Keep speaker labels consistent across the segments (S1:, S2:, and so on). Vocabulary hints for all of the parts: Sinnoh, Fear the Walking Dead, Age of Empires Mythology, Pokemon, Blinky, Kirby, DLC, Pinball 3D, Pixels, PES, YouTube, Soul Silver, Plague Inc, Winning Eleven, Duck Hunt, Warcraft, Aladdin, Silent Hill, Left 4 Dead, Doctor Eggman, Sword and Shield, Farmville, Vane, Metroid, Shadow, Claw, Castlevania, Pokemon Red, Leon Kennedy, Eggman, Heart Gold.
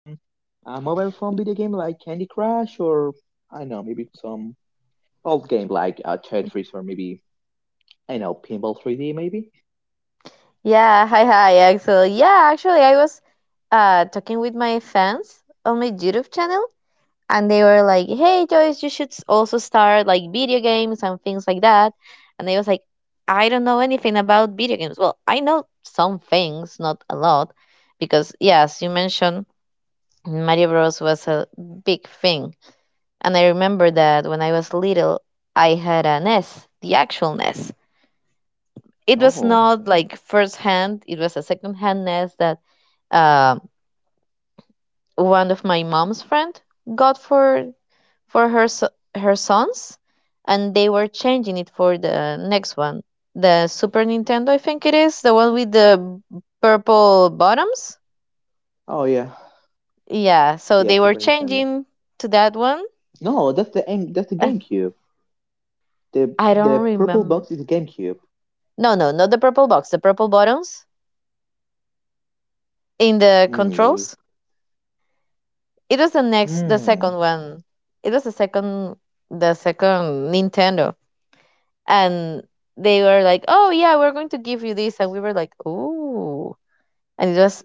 S1: mobile phone video game like Candy Crush or I don't know maybe some old game like Tetris or maybe I don't know Pinball 3D maybe.
S2: Yeah, hi, hi, Axel. Yeah, actually, I was talking with my fans on my YouTube channel, and they were like, "Hey, Joyce, you should also start like video games and things like that." And I was like, "I don't know anything about video games. Well, I know some things, not a lot, because yes, you mentioned Mario Bros was a big thing, and I remember that when I was little, I had a NES, the actual NES. It was
S1: Oh,
S2: not like first hand; it was a second hand NES that." Uh, one of my mom's friend got for her her sons, and they were changing it for the next one, the Super Nintendo, I think it is, the one with the purple bottoms.
S1: oh, yeah,
S2: Yeah, so
S1: yeah,
S2: they were
S1: Super Nintendo.
S2: changing to that one,
S1: No, that's the M. That's the
S2: and
S1: GameCube. The
S2: I don't
S1: purple
S2: remember.
S1: box is a GameCube.
S2: No, no, not the purple box, the purple bottoms in the
S1: Mm, maybe.
S2: controls. It was the next, the
S1: Hmm.
S2: second one. It was the second Nintendo. And they were like, "Oh yeah, we're going to give you this," and we were like, "Ooh!" And it was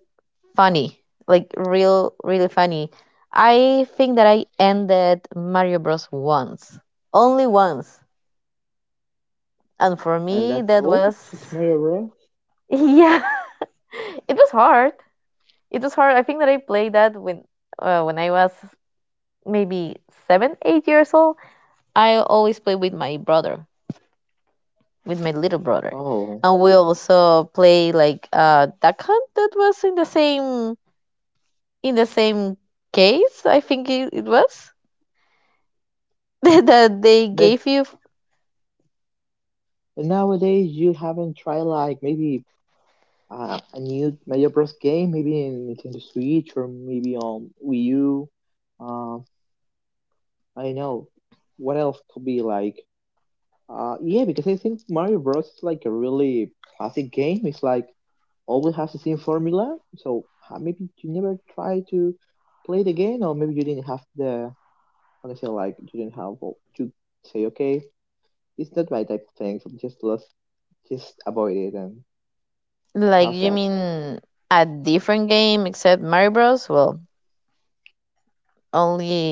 S2: funny, like real, really funny. I think that I ended Mario Bros once, only once, and for
S1: And
S2: me
S1: that's
S2: that
S1: all. Just
S2: was
S1: Mario Bros.
S2: yeah, it was hard. It was hard. I think that I played that when I was maybe 7, 8 years old. I always played with my little brother.
S1: Oh,
S2: And we also play like duck hunt that was in the same case, I think it was that they
S1: but
S2: gave you,
S1: nowadays you haven't tried like maybe a new Mario Bros. Game, maybe in Nintendo Switch or maybe on Wii U. Uh, I don't know. What else could be like? Yeah, because I think Mario Bros is like a really classic game. It's like always has the same formula. So maybe you never try to play it again, or maybe you didn't have the how to say like you didn't have well, to say okay, it's not my type of thing. So just let's just avoid it. And
S2: like
S1: how's
S2: you
S1: that?
S2: mean a different game except Mario Bros? Well,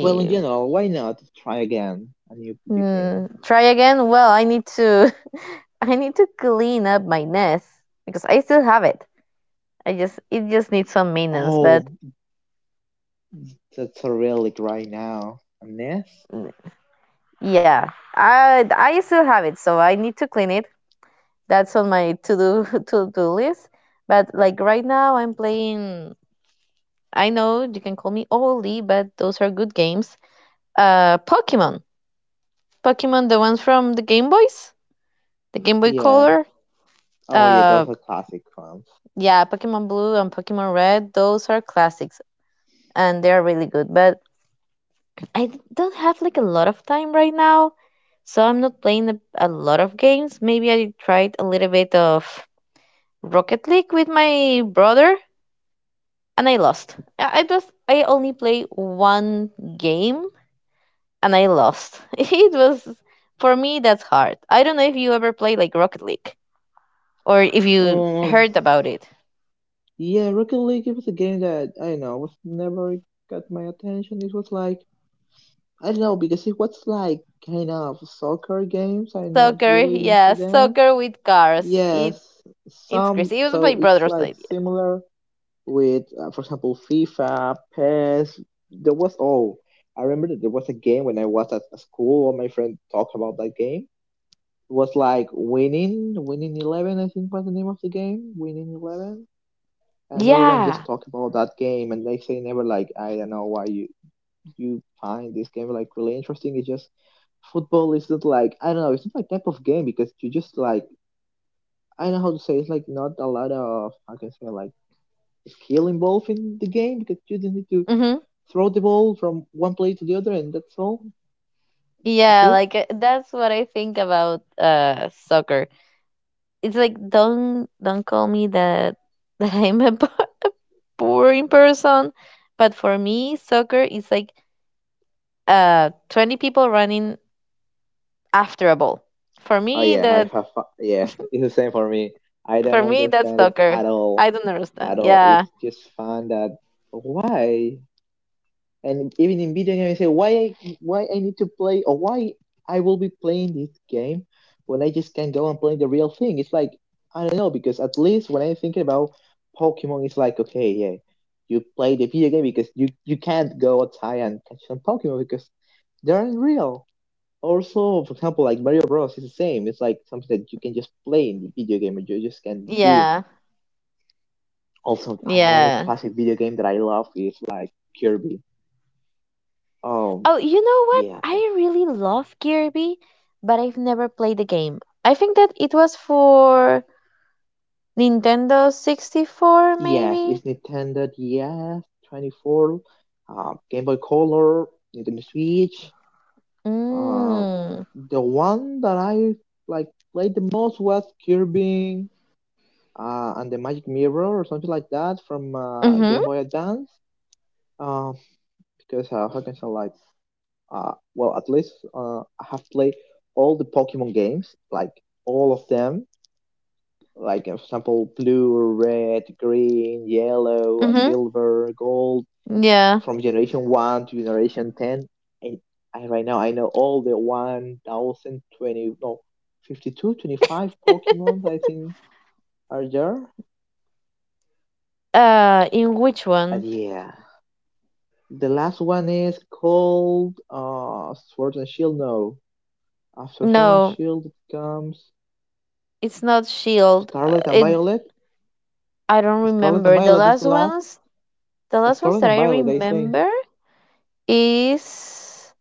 S1: Well, in general, why not try again a new video game?
S2: try again. Well, I need to I need to clean up my nest because I still have it. I just it just needs some maintenance, but
S1: Oh, that's a relic right now. A NES?
S2: mm, yeah, I still have it, so I need to clean it, that's on my to do to do list. But like right now, I'm playing. I know you can call me oldie, but those are good games. Uh, Pokemon, Pokemon, the ones from the Game Boys, the Game Boy
S1: Yeah.
S2: Color.
S1: Oh yeah,
S2: Uh,
S1: those are classic ones.
S2: yeah, Pokemon Blue and Pokemon Red. Those are classics, and they're really good. But I don't have like a lot of time right now, so I'm not playing a lot of games. Maybe I tried a little bit of Rocket League with my brother and I lost. I only play one game and I lost. It was, for me, that's hard. I don't know if you ever play like Rocket League or if you
S1: Oh.
S2: heard about it.
S1: Yeah, Rocket League was a game that I don't know was never got my attention. It was like I don't know because it was like kind of soccer games. I'm not
S2: Soccer,
S1: really into
S2: yeah,
S1: them.
S2: soccer with cars.
S1: Yes,
S2: It's
S1: some
S2: crazy. It was
S1: so
S2: my
S1: it's
S2: brother's
S1: like
S2: idea.
S1: similar with for example FIFA, PES. There was oh, I remember that there was a game when I was at school. All my friend talked about that game. It was like winning eleven. I think was the name of the game. Winning eleven and everyone just
S2: Yeah.
S1: talk about that game and they say never like I don't know why you find this game like really interesting. It's just football isn't like I don't know it's not my type of game because you just like I don't know how to say. It's like not a lot of I can say like skill involved in the game because you just need to
S2: Mhm.
S1: throw the ball from one play to the other and that's all.
S2: Yeah,
S1: Okay.
S2: like that's what I think about soccer. It's like don't call me that that I'm a boring person, but for me soccer is like 20 people running after a ball. for
S1: Oh
S2: me
S1: yeah, I
S2: that
S1: have, yeah, it's the same for me. I
S2: for
S1: don't
S2: me, that's
S1: understand it
S2: soccer.
S1: at all
S2: I don't understand. Yeah,
S1: it's just fun that why. And even in video games, I say why I need to play or why I will be playing this game when I just can go and play the real thing. It's like I don't know because at least when I'm thinking about Pokemon, it's like okay, yeah, you play the video game because you can't go outside and catch some Pokemon because they aren't real. Also, for example, like Mario Bros. Is the same. It's like something that you can just play in the video game and you just can do.
S2: yeah,
S1: Also, another
S2: yeah.
S1: classic video game that I love is like Kirby. Um,
S2: Oh, you know what?
S1: yeah.
S2: I really love Kirby, but I've never played the game. I think that it was for Nintendo 64,
S1: Yes, it's
S2: maybe?
S1: Nintendo DS, 24, Game Boy Color, Nintendo Switch. Uh,
S2: Mm.
S1: the one that I like played the most was Kirby and the Magic Mirror or something like that from
S2: Mm-hmm.
S1: Game Boy Advance. Uh, because how can I say like, well,
S2: Okay.
S1: at least I have played all the Pokemon games, like all of them. Like for example, blue, red, green, yellow,
S2: Mm-hmm.
S1: silver, gold
S2: Yeah.
S1: from generation one to generation 10. And I right now I know all the 1,020 no 5,225 Pokemon I think are there.
S2: In which
S1: And
S2: one?
S1: yeah, the last one is called Sword and Shield. No, after Sword and
S2: No,
S1: Shield it comes
S2: it's not Shield.
S1: Scarlet and
S2: It
S1: Violet.
S2: I don't
S1: Scarlet and
S2: remember the
S1: Violet is the
S2: last
S1: last.
S2: one. The last ones
S1: Scarlet
S2: that
S1: and
S2: I
S1: Violet, I think.
S2: remember is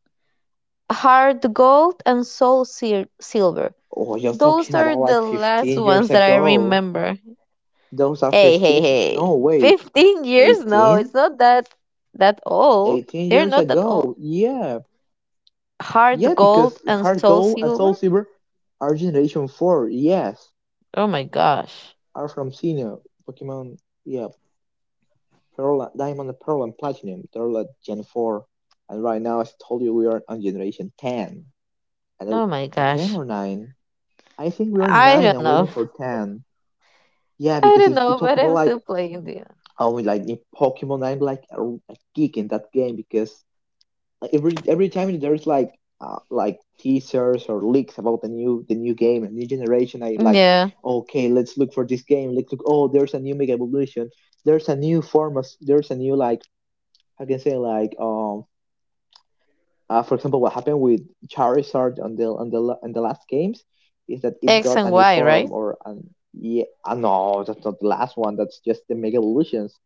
S2: Heart Gold and Soul Silver.
S1: Oh, you're
S2: Those
S1: talking about
S2: are
S1: like
S2: the last
S1: 15 years
S2: ones that I
S1: ago.
S2: remember.
S1: Those are
S2: Hey, hey,
S1: 15.
S2: hey.
S1: No, wait,
S2: 15 years? No,
S1: 18.
S2: it's not that old.
S1: 18
S2: They're
S1: years
S2: not that
S1: ago.
S2: old.
S1: Yeah.
S2: Heart
S1: Yeah, because
S2: Gold and
S1: Heart
S2: Soul
S1: Gold and Soul
S2: Silver?
S1: Silver are Generation 4. Yes.
S2: Oh my gosh.
S1: Are from Sinnoh, Pokemon. Yeah. Pearl, Diamond, Pearl, and Platinum. They're like Gen 4. And right now, as I told you, we are on Generation 10. And oh,
S2: Oh my
S1: 10
S2: gosh.
S1: or 9? I think we are
S2: I
S1: 9
S2: don't
S1: and waiting
S2: know.
S1: for 10. Yeah,
S2: I
S1: because
S2: don't
S1: if we
S2: know,
S1: talk
S2: but
S1: about
S2: I'm
S1: like,
S2: still playing the.
S1: oh, like in Pokemon, I'm like a geek in that game because like, every time there's like teasers or leaks about the new game and new generation I like
S2: Yeah.
S1: okay, let's look for this game, let's look, oh, there's a new mega evolution, there's a new form of there's a new like I can say like for example what happened with charizard on the last games is that it
S2: X
S1: got a
S2: and
S1: new
S2: Y,
S1: form
S2: right?
S1: or an yeah no that's not the last one, that's just the mega evolutions.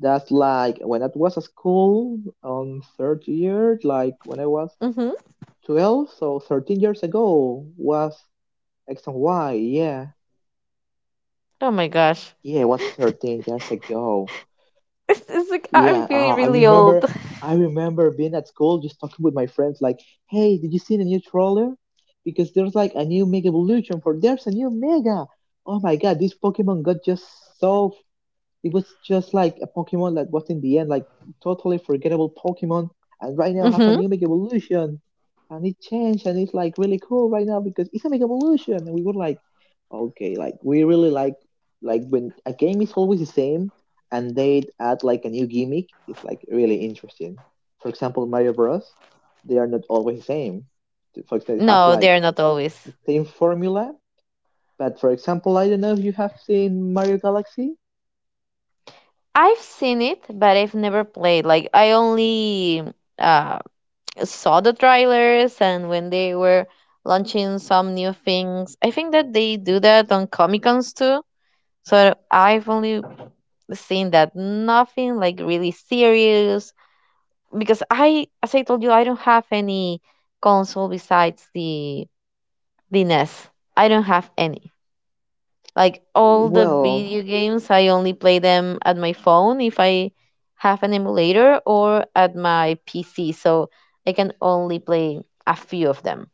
S1: That's like when I was at school on third year, like when I was
S2: Mm-hmm.
S1: 12, so 13 years ago was X and Y. Yeah,
S2: Oh my gosh.
S1: yeah, it was 13 years ago.
S2: It's like I'm
S1: Yeah,
S2: feeling
S1: oh, I
S2: really
S1: remember.
S2: old.
S1: I remember being at school just talking with my friends, like, "Hey, did you see the new trawler? Because there's like a new Mega Evolution for there's a new Mega. Oh my God, this Pokemon got just so it was just like a Pokemon that was in the end like totally forgettable Pokemon, and right now have a
S2: Hmm.
S1: new Mega Evolution, and it changed and it's like really cool right now because it's a Mega Evolution, and we were like, okay, like we really like when a game is always the same and they add like a new gimmick, it's like really interesting. For example, Mario Bros. They are not always the same. For example, they have
S2: No,
S1: like
S2: they're not always.
S1: the same formula, but for example, I don't know if you have seen Mario Galaxy.
S2: I've seen it, but I've never played. Like I only uh, saw the trailers and when they were launching some new things. I think that they do that on Comic Cons too. So I've only seen that. Nothing like really serious because I, as I told you, I don't have any console besides the NES. I don't have any. Like all the
S1: Well,
S2: video games, I only play them at my phone if I have an emulator or at my PC. So I can only play a few of them.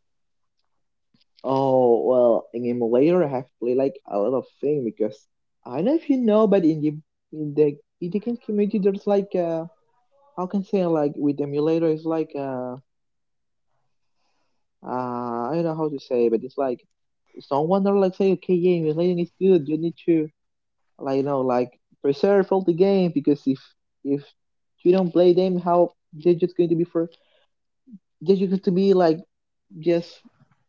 S1: oh, well, in emulator, I have played like a lot of things because I don't know if you know, but in the in the video game community, there's like how can I say, like with emulator, it's like uh, I don't know how to say, but it's like someone are like say, okay, yeah, emulating is good. You need to like you know like preserve all the game because if if you don't play them, how they're just going to be for they're just going to be like yes,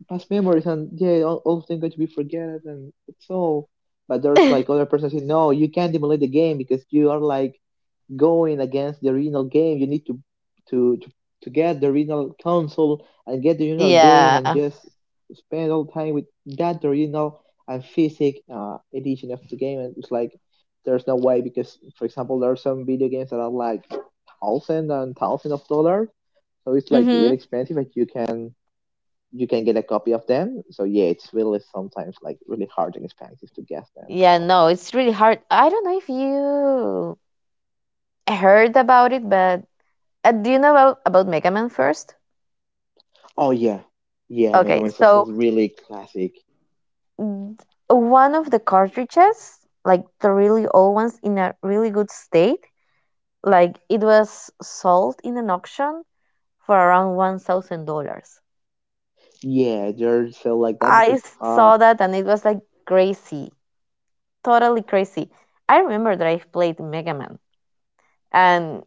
S1: past memories and yeah, all things going to be forgotten and it's all. But there's like other person saying, no, you can't emulate the game because you are like going against the original game. You need to to to, to get the original console and get the original game and
S2: Yeah.
S1: just spend all time with that original and physic edition of the game. And it's like there's no way because, for example, there are some video games that are like thousand and thousand of dollars. So it's like really
S2: Mhm.
S1: expensive, and you can get a copy of them. So yeah, it's really sometimes like really hard and expensive to get them.
S2: Yeah,
S1: So
S2: no, it's really hard. I don't know if you heard about it, but do you know about Mega Man first?
S1: oh yeah, yeah, Mega
S2: Okay,
S1: Man Soul is
S2: so
S1: really classic.
S2: Mm, one of the cartridges, like the really old ones in a really good state, like it was sold in an auction for around $1,000.
S1: Yeah, they're so like that
S2: I
S1: because
S2: saw that and it was like crazy, totally crazy. I remember that I played Mega Man and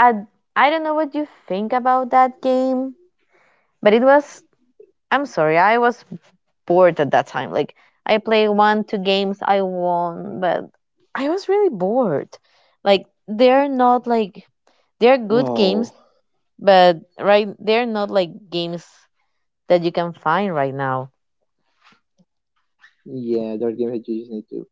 S2: I, I don't know what you think about that game, but it was, I'm sorry, I was bored at that time. Like I play one, two games, I won, but I was really bored. Like they're not like they're good games,
S1: whoa,
S2: but right, they're not like games that you can find right now.
S1: yeah, they're games that you just need to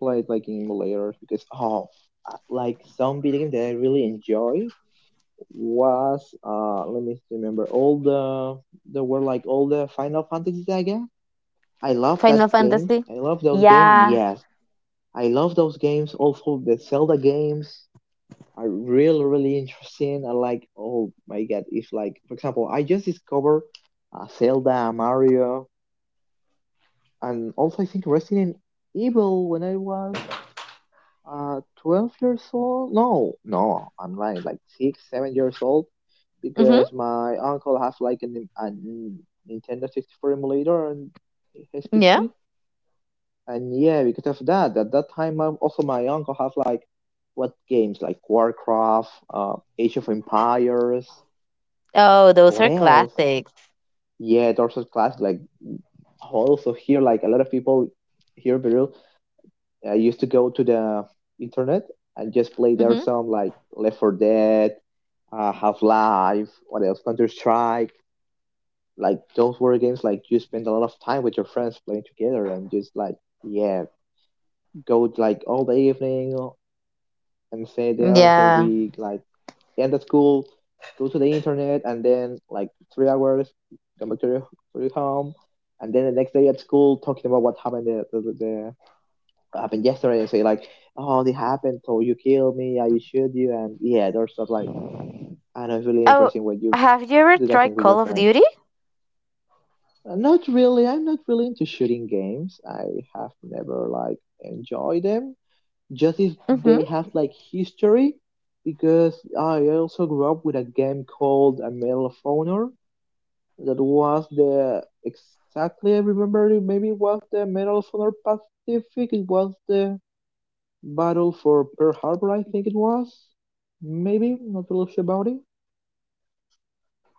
S1: play it like in emulators because oh like some video game that I really enjoy was let me remember all the there were like all the Final Fantasy Saga. I love that
S2: Final
S1: games.
S2: Fantasy?
S1: I love those games.
S2: Yeah.
S1: Yes, I love those games. Also, the Zelda games are really, really interesting. I like, oh my god, if like, for example, I just discovered Zelda, Mario, and also I think Resident Evil when I was 12 years old. No, no, I'm lying, like six, 7 years old,
S2: Mm-hmm.
S1: because my uncle has like a Nintendo 64 emulator on his
S2: Yeah.
S1: PC. And yeah, because of that, at that time, also my uncle has like what games like Warcraft, Age of Empires,
S2: Oh, those
S1: what
S2: are
S1: else?
S2: classics.
S1: Yeah, Dorset Classic. Like also here, like a lot of people here in Peru used to go to the internet and just play there
S2: Mm-hmm.
S1: some like Left 4 Dead, Half Life, what else? Counter Strike. Like those were games like you spend a lot of time with your friends playing together and just like yeah, go like all the evening and stay there until
S2: Yeah.
S1: we like end the school, go to the internet, and then like 3 hours, come back to your home, and then the next day at school talking about what happened the, what happened yesterday and say like, oh, this happened, so you killed me, I shoot you, and yeah, there's stuff like I know it's really
S2: Oh,
S1: interesting when you
S2: have you ever
S1: do that thing
S2: tried
S1: with your
S2: Call of
S1: friends.
S2: Duty?
S1: Not really. I'm not really into shooting games. I have never like enjoyed them. Just if
S2: Mm-hmm.
S1: they have like history because I also grew up with a game called a Medal of Honor that was the exactly I remember it, maybe it was the Medal of Honor Pacific it was the battle for Pearl Harbor I think it was maybe not really sure about it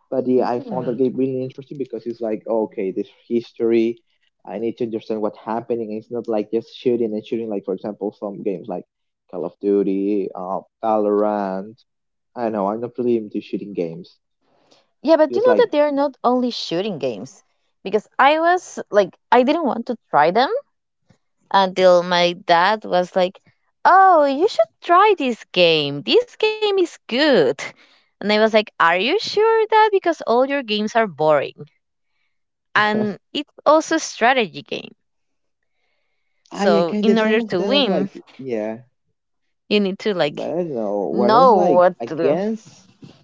S1: but yeah, I found that
S2: Mm-hmm.
S1: game really interesting because it's like, okay, this history, I need to understand what's happening. It's not like just shooting and shooting, like for example, some games like Call of Duty, Valorant. I don't know, I'm not really into shooting games.
S2: Yeah, but you
S1: It's
S2: know
S1: like,
S2: that they're not only shooting games. Because I was like, I didn't want to try them until my dad was like, "Oh, you should try this game. This game is good." And I was like, "Are you sure, dad? Because all your games are boring." And it's also a strategy game.
S1: I yeah,
S2: So,
S1: kind
S2: in
S1: of some
S2: order
S1: of
S2: to
S1: them are like,
S2: win,
S1: yeah,
S2: you need to
S1: but
S2: like
S1: I don't know. When it's
S2: know
S1: like
S2: what to
S1: against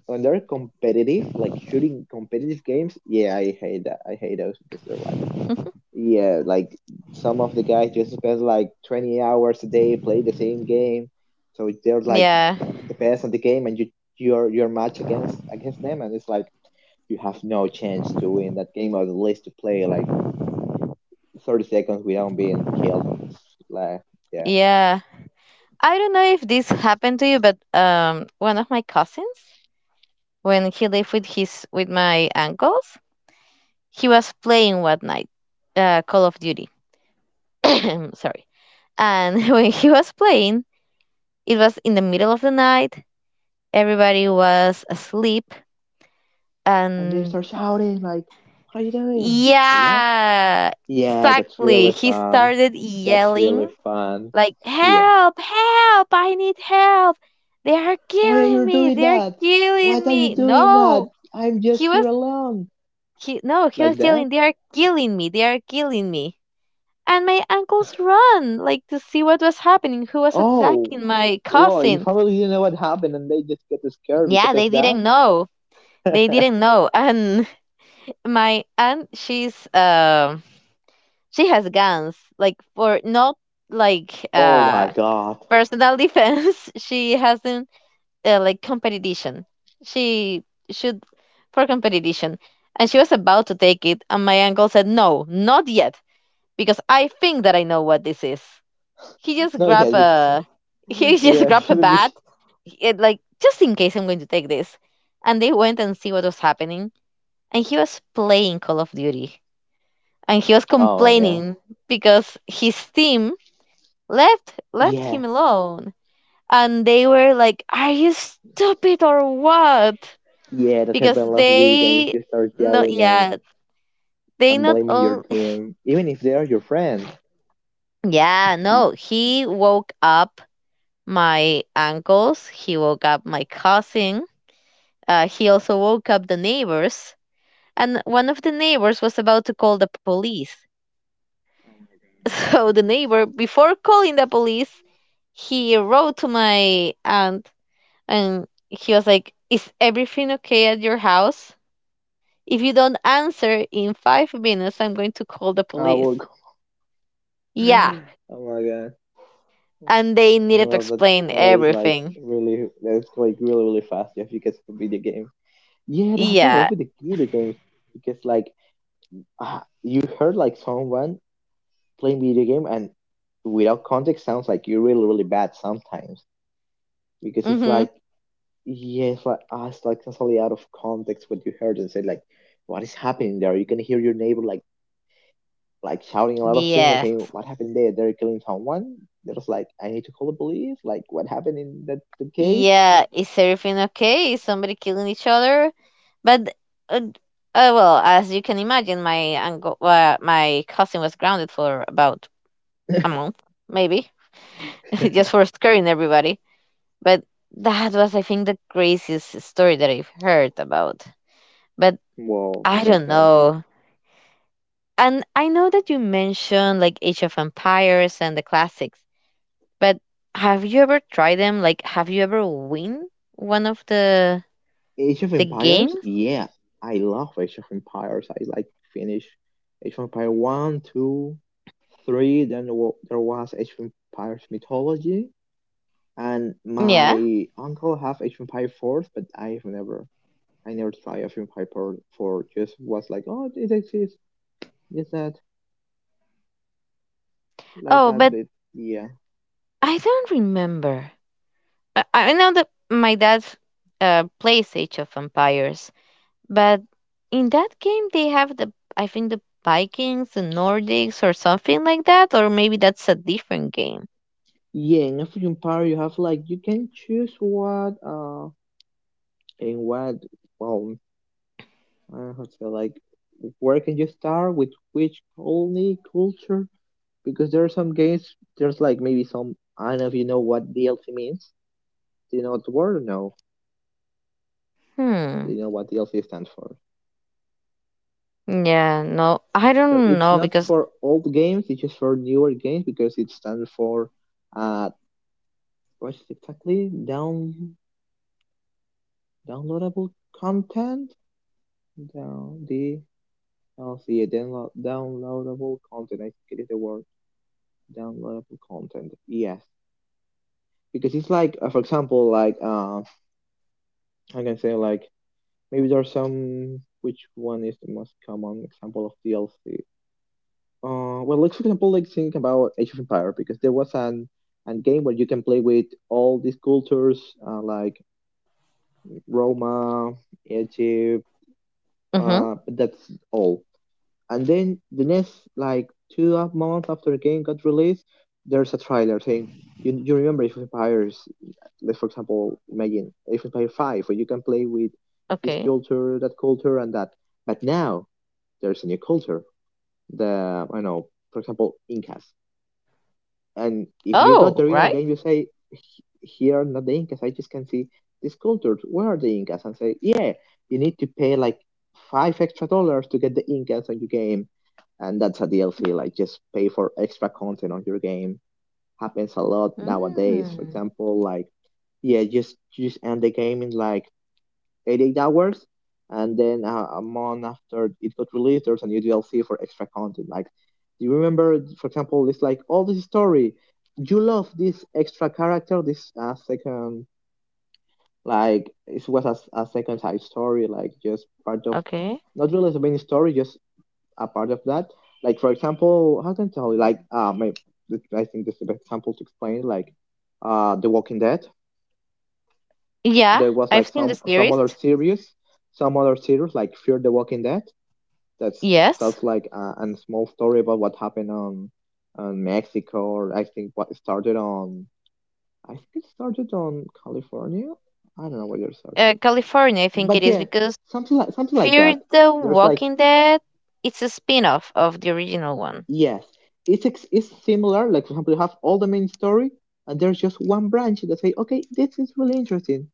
S1: when they're competitive, like shooting competitive games, yeah, I hate that. I hate those because they're like
S2: do.
S1: yeah, like some of the guys just spend like 20 hours a day play the same game. So they're like
S2: Yeah,
S1: the best in the game and you your match against them and it's like you have no chance to win that game or at least to play like 30 seconds without being killed. And it's like yeah.
S2: yeah. I don't know if this happened to you, but one of my cousins, when he lived with his with my uncles, he was playing one night Call of Duty. Sorry. And when he was playing, it was in the middle of the night. Everybody was asleep,
S1: And they
S2: and
S1: start shouting like what are you doing? Like that?
S2: yeah,
S1: Yeah, that's
S2: exactly.
S1: really
S2: He
S1: fun.
S2: started
S1: That's really
S2: yelling
S1: fun.
S2: like,
S1: Yeah.
S2: "Help! Help! I need help! They are
S1: Why are
S2: killing
S1: you
S2: me!
S1: doing
S2: They are
S1: that?
S2: killing
S1: What are you
S2: me!"
S1: doing that?
S2: No,
S1: I'm
S2: he
S1: just
S2: was
S1: here alone.
S2: he no, he was
S1: Like that?
S2: yelling, "They are killing me! They are killing me!" And my uncles run like to see what was happening, who was
S1: Oh,
S2: attacking my
S1: whoa, your
S2: cousin.
S1: family didn't know what happened and they just got scared because
S2: Yeah,
S1: of
S2: they didn't know. They
S1: that?
S2: didn't know. And my aunt, she has guns, like for not, like
S1: Oh my god.
S2: personal defense. She hasn't like competition. She should for competition. And she was about to take it, and my uncle said, "No, not yet, because I think that I know what this is." He just
S1: No, yeah,
S2: grab
S1: because.
S2: a he just
S1: Yeah,
S2: grab a
S1: maybe.
S2: bat, it, like just in case, I'm going to take this. And they went and see what was happening, and he was playing Call of Duty, and he was
S1: Oh, yeah.
S2: complaining because his team left
S1: Yeah,
S2: him alone. And they were like, "Are you stupid or what?"
S1: yeah, that
S2: Because
S1: happened a lot of video games.
S2: they,
S1: You start
S2: no,
S1: yelling and,
S2: yeah, they
S1: and
S2: not
S1: blaming your
S2: only.
S1: team, even if they are your friends.
S2: Yeah, no, he woke up my uncles, he woke up my cousin. He also woke up the neighbors, and one of the neighbors was about to call the police. So the neighbor, before calling the police, he wrote to my aunt and he was like, "Is everything okay at your house? If you don't answer in 5 minutes, I'm going to call the
S1: I
S2: police."
S1: will go.
S2: Yeah.
S1: Oh my god.
S2: And they needed to
S1: Well,
S2: explain everything.
S1: that escalate really, really fast if you get some video game. Yeah, I've been in love
S2: Yeah.
S1: with the video games because like you heard like someone playing video game and without context sounds like you're really, really bad sometimes because it's
S2: Mm-hmm.
S1: like yeah, it's like it's like totally out of context what you heard and said like what is happening there? You can hear your neighbor like shouting a lot of things like
S2: Yeah.
S1: saying what happened there? They're killing someone. They're just like I need to call the police. Like what happened in that case?
S2: Yeah, is everything okay? Is somebody killing each other? But uh, well, as you can imagine, my cousin was grounded for about a month, maybe, just for scaring everybody. But that was, I think, the craziest story that I've heard about. But
S1: Well,
S2: I
S1: makes
S2: don't
S1: sense.
S2: know. And I know that you mentioned like Age of Empires and the classics, but have you ever tried them? Like, have you ever win one of the
S1: Age of
S2: the
S1: Empires?
S2: games?
S1: Yeah, I love Age of Empires. I like finish Age of Empires 1, 2, 3. Then there was Age of Empires Mythology. And
S2: Yeah.
S1: my uncle have Age of Empires 4, but I never try Age of Empires 4. Four. Just was like, oh, it exists. It's that, like
S2: Oh,
S1: that,
S2: but
S1: but yeah.
S2: I don't remember. I know that my dad plays Age of Empires, but in that game they have the I think the Vikings, the Nordics, or something like that, or maybe that's a different game.
S1: Yeah, in Age of Empires, you have like, you can choose what, in what, well, how to say, like where can you start with which colony culture? Because there are some games, there's like maybe some I don't know if you know what DLC means. Do you know what the word? No. Do
S2: Hmm.
S1: you know what DLC stands for?
S2: Yeah. No, I
S1: So
S2: don't
S1: it's
S2: know
S1: not
S2: because.
S1: for old games, it's just for newer games because it stands for uh what is it exactly? Down downloadable content? Down the DLC downloadable content, I think it is the word downloadable content. Yes. Because it's like for example like I can say like maybe there are some which one is the most common example of DLC well like for example like think about Age of Empire because there was an and game where you can play with all these cultures like Roma, Egypt,
S2: Mm-hmm.
S1: but that's all. And then the next like two up months after the game got released, there's a trailer saying you remember if Empires, like for example, imagine if Empire 5, where you can play with this
S2: Okay.
S1: culture, that culture, and that. But now there's a new culture. The I know, for example, Incas. And if you
S2: Oh,
S1: got the
S2: right.
S1: real game, you say, "Here are not the Incas. I just can see these cultures. Where are the Incas? And say, yeah, you need to pay like five extra dollars to get the Incas on your game. And that's a DLC. Like just pay for extra content on your game. Happens a lot nowadays. For
S2: Hmm.
S1: example, like yeah, just end the game in like 88 hours and then a month after it got released there's a new DLC for extra content like do you remember for example it's like all this story you love this extra character this second like it was a second side story like just part of
S2: Okay.
S1: not really the main story just a part of that like for example how can I tell you like my I think this is the best example to explain like the Walking Dead
S2: Yeah,
S1: there was
S2: I've
S1: like
S2: seen the
S1: some some
S2: series.
S1: other series, some other series like Fear the Walking Dead that's
S2: Yes.
S1: starts like a small story about what happened on Mexico or I think what started on I think it started on California. I don't know where it started,
S2: California, I think it
S1: but
S2: is
S1: yeah,
S2: because.
S1: something like
S2: Fear
S1: that.
S2: the
S1: There's like
S2: Walking Dead. It's a spin-off of the original one.
S1: yes, it's similar. Like for example, you have all the main story, and there's just one branch that say, okay, this is really interesting.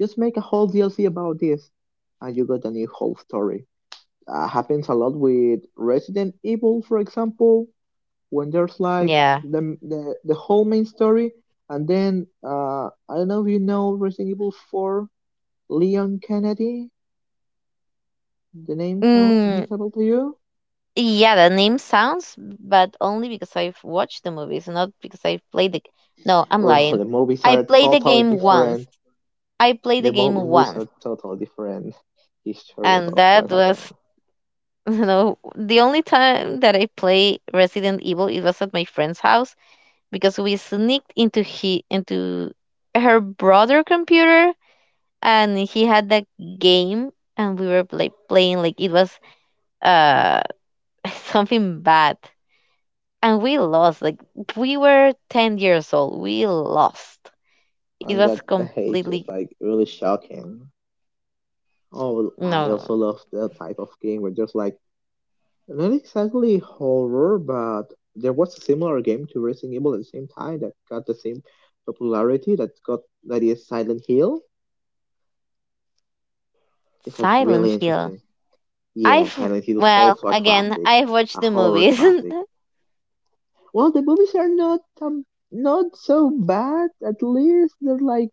S1: Just make a whole DLC about this, and you got a new whole story. Happens a lot with Resident Evil, for example, when there's like
S2: Yeah.
S1: the whole main story, and then I don't know if you know Resident Evil 4, Leon Kennedy. The name sound
S2: Mm,
S1: reasonable to you?
S2: yeah, the name sounds, but only because I've watched the movies, not because I've played the. No, I'm
S1: Well,
S2: lying.
S1: the movies
S2: I
S1: are
S2: played the
S1: totally
S2: game once.
S1: different.
S2: I played the
S1: The
S2: game
S1: movies
S2: once,
S1: are totally different history
S2: and
S1: about what
S2: that was
S1: happened,
S2: you know the only time that I play Resident Evil. It was at my friend's house because we sneaked into her brother computer, and he had that game, and we were playing like it was uh something bad, and we lost. Like we were 10 years old, we lost. It
S1: and
S2: was
S1: that the hate is
S2: completely.
S1: like really shocking. Oh, I
S2: No.
S1: also love the type of game where there's like not exactly horror, but there was a similar game to Resident Evil at the same time that got the same popularity that got that is Silent Hill. It's like really
S2: Silent Hill,
S1: interesting. Yeah,
S2: i've
S1: Silent Hill is
S2: well
S1: also a
S2: again,
S1: classic,
S2: I've watched
S1: a
S2: the
S1: horror
S2: movies.
S1: classic. Well, the movies are not so bad. At least they're like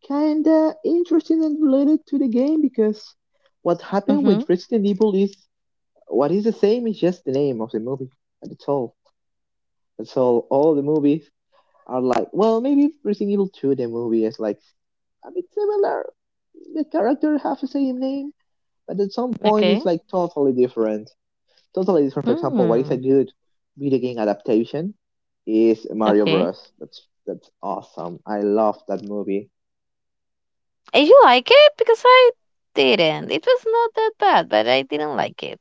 S1: kinda interesting and related to the game because what happened
S2: Mm-hmm.
S1: with Resident Evil is what is the same is just the name of the movie. That's all. That's all. All the movies are like well maybe Resident Evil 2 the movie is like a bit similar. The character have the same name, but at some point
S2: Okay.
S1: it's like totally different. Totally different. For example, what is a
S2: Hmm.
S1: good video game adaptation is Mario
S2: Okay.
S1: Bros. That's awesome. I love that movie.
S2: And you like it because I didn't it was not that bad, but I didn't like it.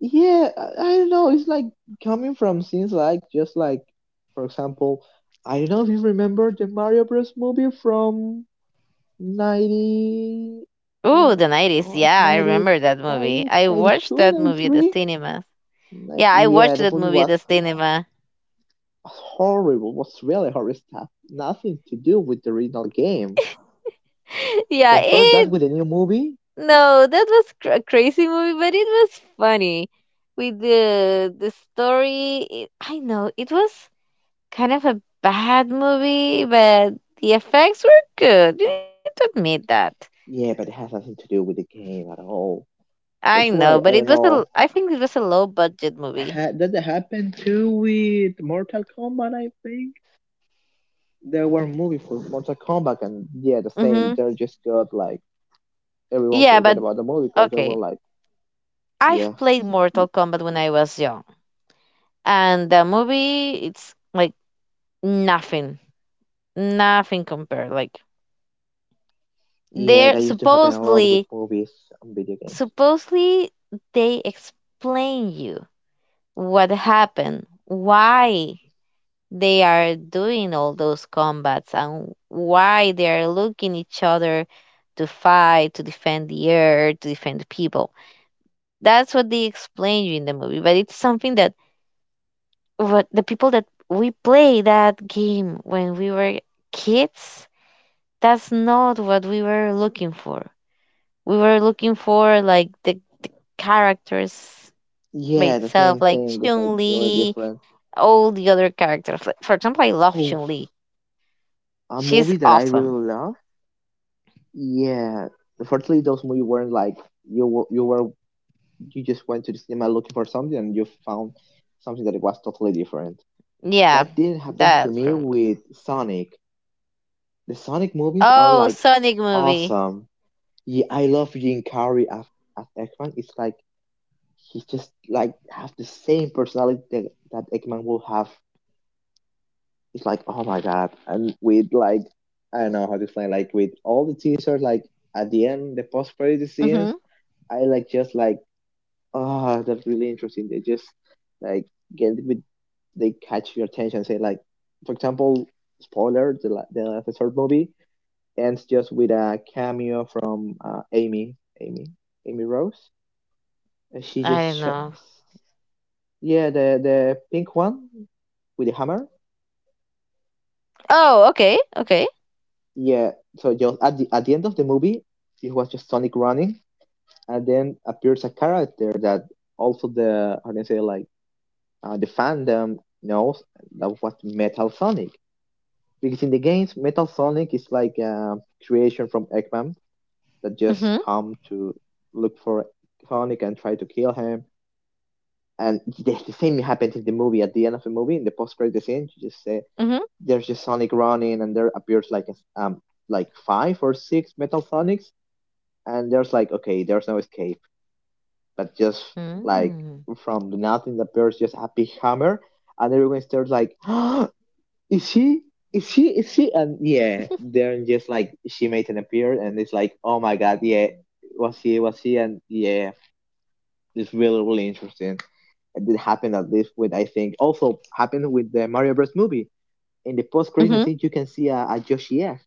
S1: Yeah, I don't know. It's like coming from scenes like just like, for example, I don't know if you remember the Mario Bros. Movie from 90,
S2: Ooh,
S1: ni-
S2: the 90s.
S1: oh,
S2: Yeah, I
S1: 90,
S2: remember that movie.
S1: 90,
S2: I
S1: ninety
S2: watched
S1: two,
S2: that
S1: ninety
S2: movie at the
S1: three.
S2: cinema. Yeah, I
S1: Yeah,
S2: watched
S1: the
S2: that
S1: movie
S2: movie at
S1: was
S2: the cinema.
S1: horrible, was really horrible stuff. Nothing to do with the original game.
S2: Yeah,
S1: Compare that
S2: it.
S1: with the new movie?
S2: No, that was a crazy movie, but it was funny. With the story, I know it was kind of a bad movie, but the effects were good. You need to admit that.
S1: Yeah, but it has nothing to do with the game at all.
S2: I
S1: That's why,
S2: know,
S1: I
S2: but it
S1: don't
S2: was
S1: know.
S2: I think it was a low budget movie.
S1: That happened too with Mortal Kombat, I think. There were movies for Mortal Kombat, and yeah, the same.
S2: Mhm.
S1: They just got like, everyone
S2: Yeah,
S1: forget
S2: but
S1: about the movie because they were
S2: okay.
S1: like, yeah.
S2: I've played Mortal Kombat when I was young. And the movie, it's like nothing nothing compared, like,
S1: Yeah,
S2: they're
S1: that used to happen a lot with
S2: supposedly
S1: movies and video games.
S2: supposedly they explain you what happened, why they are doing all those combats and why they are looking each other to fight, to defend the earth, to defend the people. That's what they explain you in the movie, but it's something that, what the people that we play that game when we were kids, that's not what we were looking for. We were looking for like the characters by
S1: Yeah, the
S2: itself,
S1: same
S2: like
S1: thing, just like
S2: Chun
S1: really
S2: Li,
S1: different.
S2: all the other characters. Like, for example, I love
S1: Oh,
S2: Chun Li.
S1: a
S2: She's
S1: movie that I
S2: awesome.
S1: really love. Yeah, unfortunately, those movies weren't like you were, you were you just went to the cinema looking for something and you found something that was totally different.
S2: Yeah,
S1: That didn't happen to
S2: that's
S1: me
S2: from.
S1: with Sonic. The Sonic movies are
S2: Oh,
S1: like
S2: Sonic movie.
S1: awesome. Yeah, I love Jim Carrey as X-Man. It's like he just like have the same personality that Eggman will have. It's like, oh my god. And with like I don't know how to explain, like with all the teasers, like at the end, the post credit scenes,
S2: Mhm.
S1: I like just like, oh that's really interesting. They just like get with they catch your attention, say like for example, spoiler, the third movie ends just with a cameo from Amy, Amy Rose. And she
S2: I
S1: just
S2: don't know.
S1: yeah, the pink one with the hammer.
S2: Oh, okay, okay.
S1: Yeah. So just at the end of the movie, it was just Sonic running, and then appears a character that also the how can I say like the fandom knows that was Metal Sonic because in the games Metal Sonic is like a creation from Eggman that just
S2: Mhm.
S1: come to look for Sonic and try to kill him. And the same happened in the movie. At the end of the movie, in the post-credit scene, you just say
S2: Mhm.
S1: there's just Sonic running, and there appears like like five or six Metal Sonics, and there's like okay, there's no escape, but just like
S2: Mm.
S1: from nothing appears just a big hammer, and everyone starts like, oh, is she? Is she? Is she? And yeah, then just like she made an appearance, and it's like, oh my god, yeah, was she? Was she? And yeah, it's really really interesting. It did happen at least with I think also happened with the Mario Bros movie. In the post credits
S2: Mhm.
S1: scene, you can see a Yoshi F.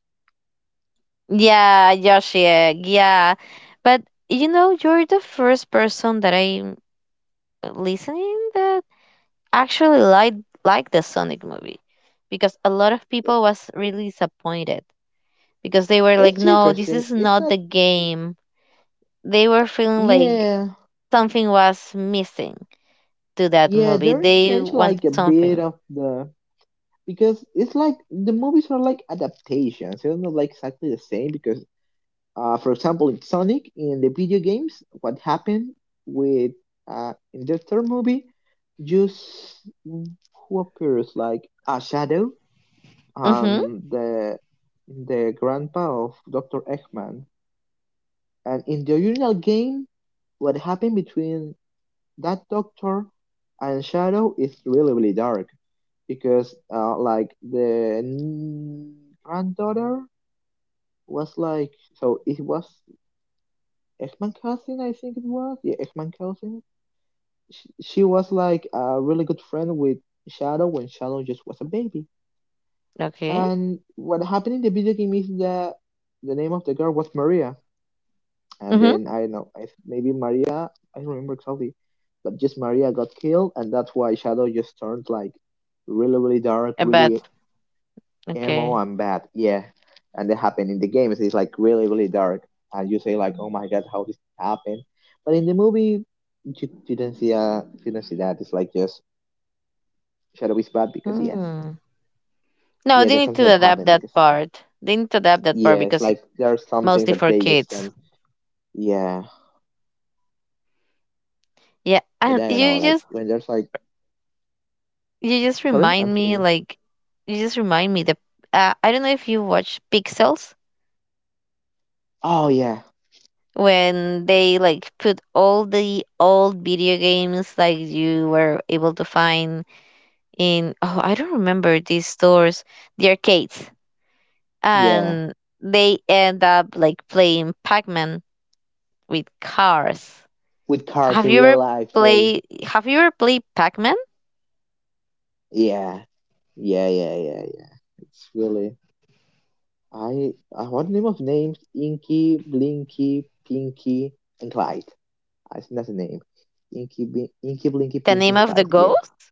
S2: Yeah, Yoshi Egg. Yeah, but you're the first person that I'm listening that actually like the Sonic movie, because a lot of people was really disappointed because they were like,
S1: It's
S2: no, this
S1: interesting.
S2: is
S1: It's
S2: not
S1: not,
S2: the game. They were feeling like
S1: yeah,
S2: something was missing to that
S1: yeah,
S2: movie.
S1: they're
S2: They
S1: changed
S2: wanted
S1: like a bit
S2: something.
S1: of the because it's like the movies are like adaptations. They're not like exactly the same because, for example, in Sonic in the video games, what happened with in the third movie, just who appears like a shadow
S2: Mhm.
S1: and the grandpa of Doctor Eggman, and in the original game, what happened between that Doctor and Shadow is really really dark because like the granddaughter was like so it was X-Men cousin I think it was yeah X-Men cousin she was like a really good friend with Shadow when Shadow just was a baby
S2: Okay.
S1: and what happened in the video game is that the name of the girl was Maria and
S2: Mhm.
S1: then I don't know maybe Maria I don't remember exactly, but just Maria got killed, and that's why Shadow just turned like really really dark,
S2: I bet.
S1: really emo
S2: Okay.
S1: and bad. Yeah, and that happened in the game. It's like really really dark, and you say like, oh my god, how this happened? But in the movie, you you didn't see that. It's like just Shadow is bad because yes,
S2: Hmm. No,
S1: yeah,
S2: they
S1: that's
S2: need
S1: something
S2: to
S1: that
S2: adapt
S1: happened
S2: that
S1: because
S2: part. They need to adapt that part
S1: yeah, it's
S2: because it's
S1: like there are some things
S2: mostly
S1: that
S2: for
S1: they just
S2: kids.
S1: can't. Yeah,
S2: Yeah,
S1: but
S2: and
S1: I don't know,
S2: you
S1: like when there's like
S2: You just
S1: sorry, I'm
S2: remind me,
S1: thinking.
S2: like, you just remind me that I don't know if you watch Pixels,
S1: Oh yeah.
S2: when they like put all the old video games like you were able to find in, oh, I don't remember these stores, the arcades,
S1: Yeah,
S2: and they end up like playing Pac-Man with cars.
S1: with cars
S2: Have
S1: in
S2: you
S1: real
S2: ever
S1: life. Yeah,
S2: Have you ever played Pac-Man?
S1: yeah, yeah, yeah, yeah. It's really I. I what name of names? Inky, Blinky, Pinky, and Clyde. I think that's the name. Inky, Blinky,
S2: The
S1: Pinky,
S2: name
S1: and
S2: of the
S1: Clyde. Yeah.
S2: ghost?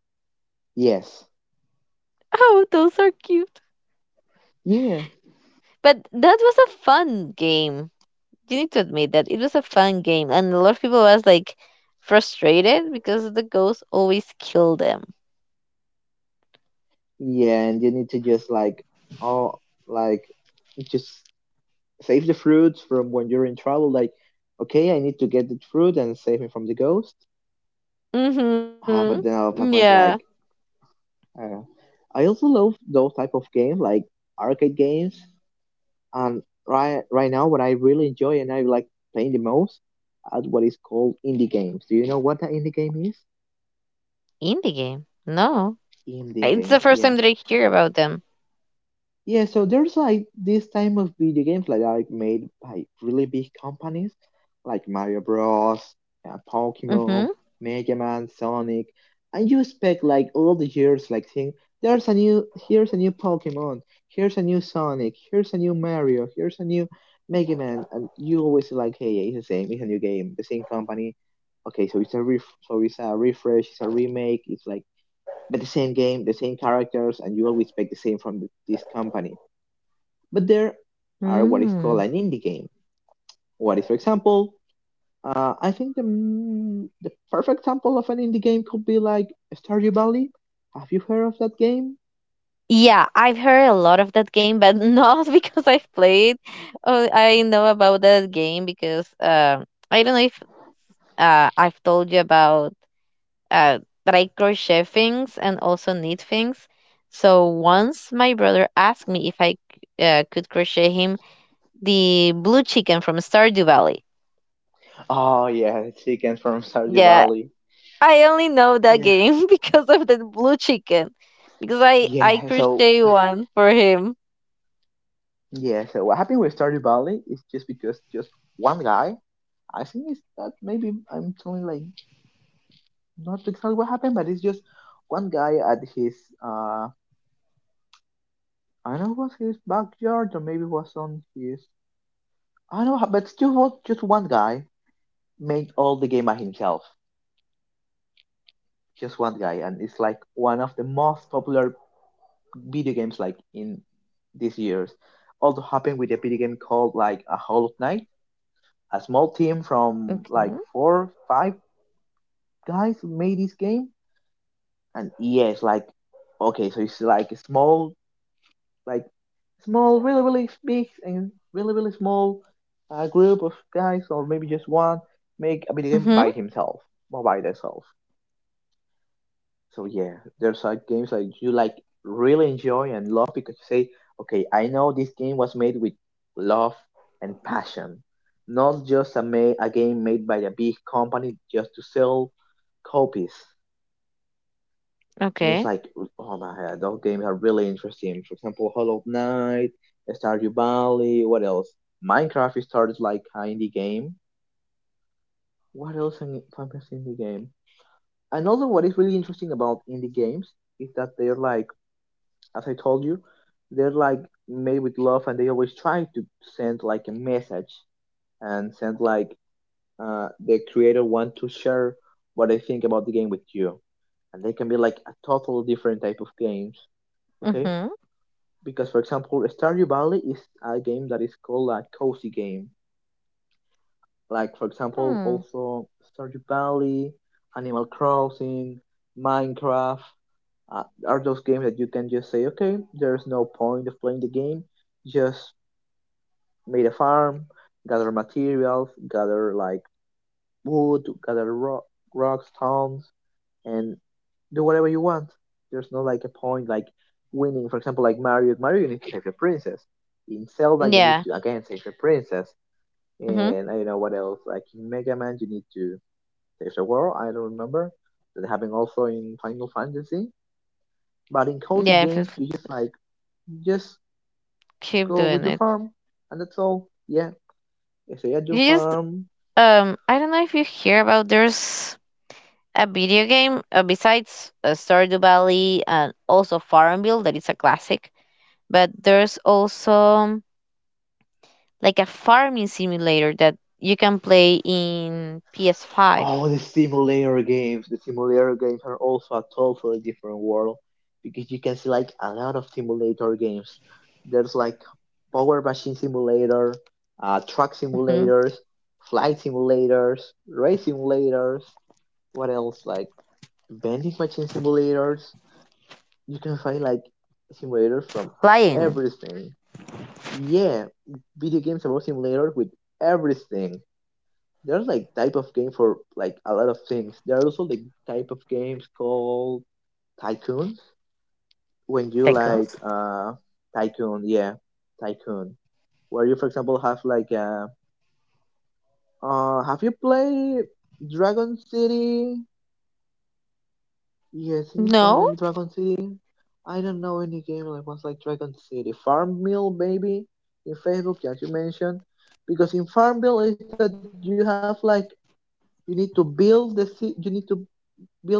S1: Yes.
S2: Oh, those are cute.
S1: Yeah.
S2: But that was a fun game. You need to admit that it was a fun game, and a lot of people was like frustrated because the ghosts always kill them.
S1: Yeah, and you need to just like, oh, like, just save the fruits from when you're in trouble. Like, okay, I need to get the fruit and save me from the ghost.
S2: Mm-hmm.
S1: Ah, but then our
S2: Yeah.
S1: Pac-Man's like. Uh, I also love those type of games like arcade games. And right now, what I really enjoy and I like playing the most are what is called indie games. Do you know what the indie game is?
S2: In the game. No,
S1: Indie
S2: it's the
S1: games,
S2: first
S1: yeah.
S2: time that I hear about them.
S1: Yeah, so there's like this type of video games like are made by really big companies like Mario Bros, Pokemon,
S2: Mm-hmm.
S1: Mega Man, Sonic, and you expect like all the years like thing there's a new here's a new Pokemon, here's a new Sonic, here's a new Mario, here's a new Mega Man, and you always like hey yeah, it's the same, it's a new game, the same company. Okay, so it's a ref so it's a refresh, it's a remake, it's like but the same game, the same characters, and you always expect the same from this company but there are what is called
S2: Mm.
S1: an indie game. What is, for example, I think the, the perfect example of an indie game could be like Stardew Valley. Have you heard of that game?
S2: Yeah, I've heard a lot of that game, but not because I've played. Oh, I know about that game because, I don't know if, I've told you about, uh, that I crochet things and also knit things. So once my brother asked me if I, could crochet him the blue chicken from Stardew Valley.
S1: Oh yeah, chickens from Stardew
S2: Yeah,
S1: Valley.
S2: I only know that
S1: Yeah.
S2: game because of the blue chicken, because I
S1: Yeah, so
S2: crochet one for him.
S1: yeah, so what happened with Stardew Valley is just because just one guy. I think it's that maybe I'm telling like not exactly what happened, but it's just one guy at his uh I don't know was his backyard or maybe was on his I know, but just one guy made all the game by himself. Just one guy, and it's like one of the most popular video games like in these years. Also happened with a video game called like a Hollow Knight. A small team from like
S2: Okay.
S1: four, five guys made this game, and yeah, it's like okay, so it's like a small, like small, really, really big and really, really small group of guys, or maybe just one, make a video game
S2: Mhm.
S1: by himself or by themselves. So yeah, there's like games like you like really enjoy and love because you say, okay, I know this game was made with love and passion, not just a game made by a big company just to sell copies. And
S2: Okay.
S1: it's like, oh my god, those games are really interesting. For example, Hollow Knight, Stardew Valley, what else? Minecraft is started like an indie game. What else in famous indie game? Another what is really interesting about indie games is that they're like as I told you, they're like made with love and they always try to send like a message and send like the creator want to share what they think about the game with you. And they can be like a totally different type of games, okay?
S2: Mhm.
S1: Because for example, Stardew Valley is a game that is called a cozy game. Like for example,
S2: Hmm.
S1: also Stardew Valley, Animal Crossing, Minecraft, uh, are those games that you can just say, okay, there's no point of playing the game, just made a farm, gather materials, gather like wood, rocks, stones, and do whatever you want. There's no like a point like winning. For example, like Mario, Mario you need to save the princess. In Zelda you need
S2: Yeah.
S1: to again save the princess.
S2: Mhm.
S1: And I don't know what else. Like in Mega Man you need to save the world. I don't remember that happened also in Final Fantasy. But in cozy
S2: Yeah.
S1: games
S2: If,
S1: you just like just
S2: keep
S1: go with
S2: doing
S1: your
S2: it.
S1: farm, and that's all. Yeah, if they had your
S2: You just
S1: farm.
S2: um. I don't know if you hear about, there's a video game, besides, Stardew Valley and also Farmville, that is a classic, but there's also like a farming simulator that you can play in PS5.
S1: Oh, the simulator games. The simulator games are also a totally different world because you can see like a lot of simulator games. There's like power machine simulator, truck
S2: Hmm.
S1: simulators, flight simulators, race simulators. What else? Like vending machine simulators. You can find like simulators from
S2: Flying.
S1: everything. Yeah, video games about simulator with everything. There's like type of game for like a lot of things. There are also like type of games called tycoon. When you
S2: Tycoons?
S1: like tycoon, yeah, tycoon. Where you for example have like have you played Dragon City? Yes, in this one
S2: No,
S1: named Dragon City. I don't know any game like ones like Dragon City. Farmville maybe in Facebook, as you mentioned. Because in Farmville is that you have like you need to you need to build the buildings, right?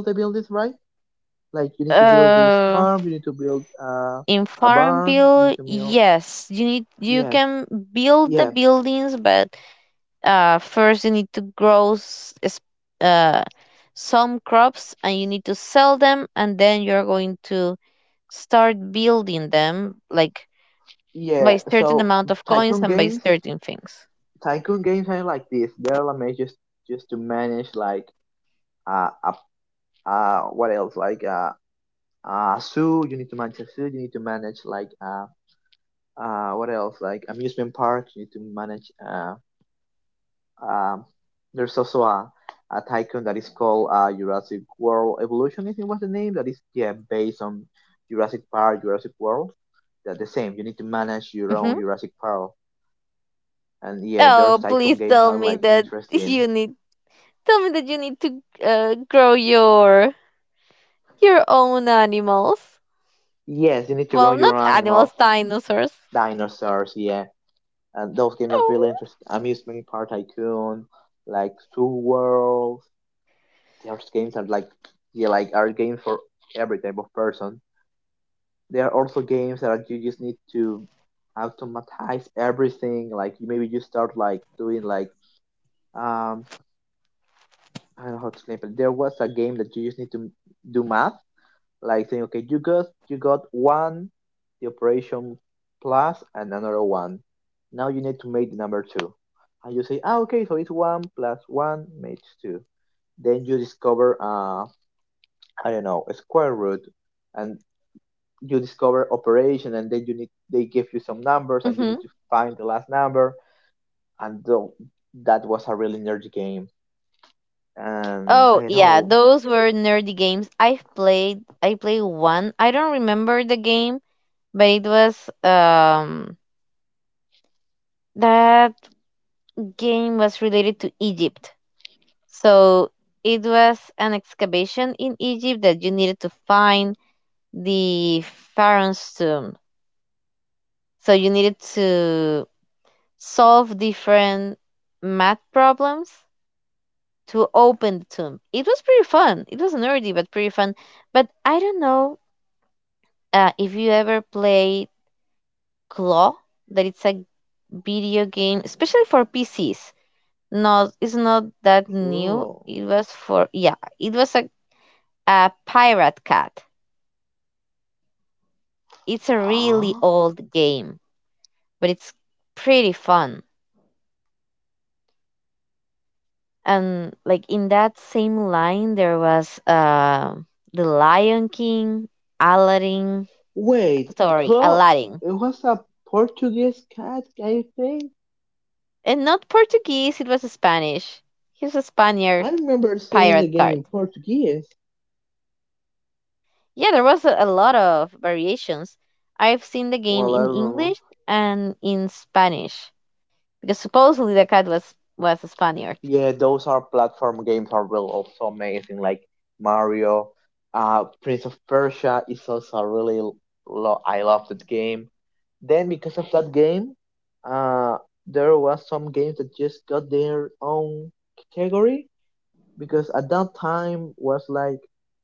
S1: Like you need to build this farm, you need to
S2: uh,
S1: build a
S2: in
S1: barn, you need to build
S2: Farmville, yes, you
S1: yes.
S2: need, you can
S1: Yeah.
S2: build the buildings, but, first you need to grow uh, some crops and you need to sell them, and then you're going to start building them like
S1: Yeah.
S2: by
S1: So
S2: certain amount of
S1: tycoon
S2: coins and by
S1: games
S2: certain things.
S1: tycoon games are like this. They're like just to manage like uh, uh, what else? Like zoo you need to manage a zoo you need to manage like what else like amusement park you need to manage um there's also a tycoon that is called Jurassic World Evolution I think was the name that is yeah based on Jurassic Park Jurassic World they're the same you need to manage your own
S2: Hmm.
S1: Jurassic Park and yeah those
S2: Oh,
S1: tycoon
S2: please
S1: games
S2: tell
S1: are
S2: me
S1: like
S2: that
S1: interesting
S2: you need, to, grow your own animals.
S1: yes you need to grow
S2: Well,
S1: your
S2: not
S1: own animals
S2: animals, dinosaurs.
S1: dinosaurs yeah and those games are really
S2: Oh.
S1: interesting. Amusement Park Tycoon, like Two Worlds. Those games are like yeah, like are games for every type of person. There are also games that you just need to automatize everything. Like maybe you start like doing like um I don't know how to explain, but there was a game that you just need to do math like saying okay you got one the operation plus and another one now you need to make the number two and you say ah okay so it's one plus one makes two then you discover I don't know a square root and you discover operation and then you need they give you some numbers and you need
S2: Hmm.
S1: to find the last number and that was a really nerdy game and I
S2: Oh
S1: don't
S2: yeah,
S1: know.
S2: those were nerdy games I've played. I played one. I don't remember the game, but it was, um that game was related to Egypt. So it was an excavation in Egypt that you needed to find the pharaoh's tomb. So you needed to solve different math problems to open the tomb. It was pretty fun. It was nerdy, but pretty fun. But I don't know, if you ever played Claw, that it's a video game, especially for PCs. Not, it's not that new.
S1: Cool.
S2: It was for yeah, it was a pirate cat. It's a really
S1: Huh?
S2: old game, but it's pretty fun. And like in that same line, there was, the Lion King, Aladdin.
S1: Wait,
S2: Sorry,
S1: Claw,
S2: Aladdin,
S1: it was a Portuguese cat I think.
S2: and not Portuguese. It was Spanish. He's a
S1: I
S2: Spaniard
S1: remember seeing the
S2: pirate
S1: game
S2: card.
S1: in Portuguese.
S2: Yeah, there was a lot of variations. I've seen the game
S1: Well, I
S2: in
S1: remember.
S2: English and in Spanish because supposedly the cat was a Spaniard.
S1: Yeah, those are platform games are really also amazing, like Mario, Prince of Persia is also really I love that game. Then because of that game, uh, there was some games that just got their own category because at that time was like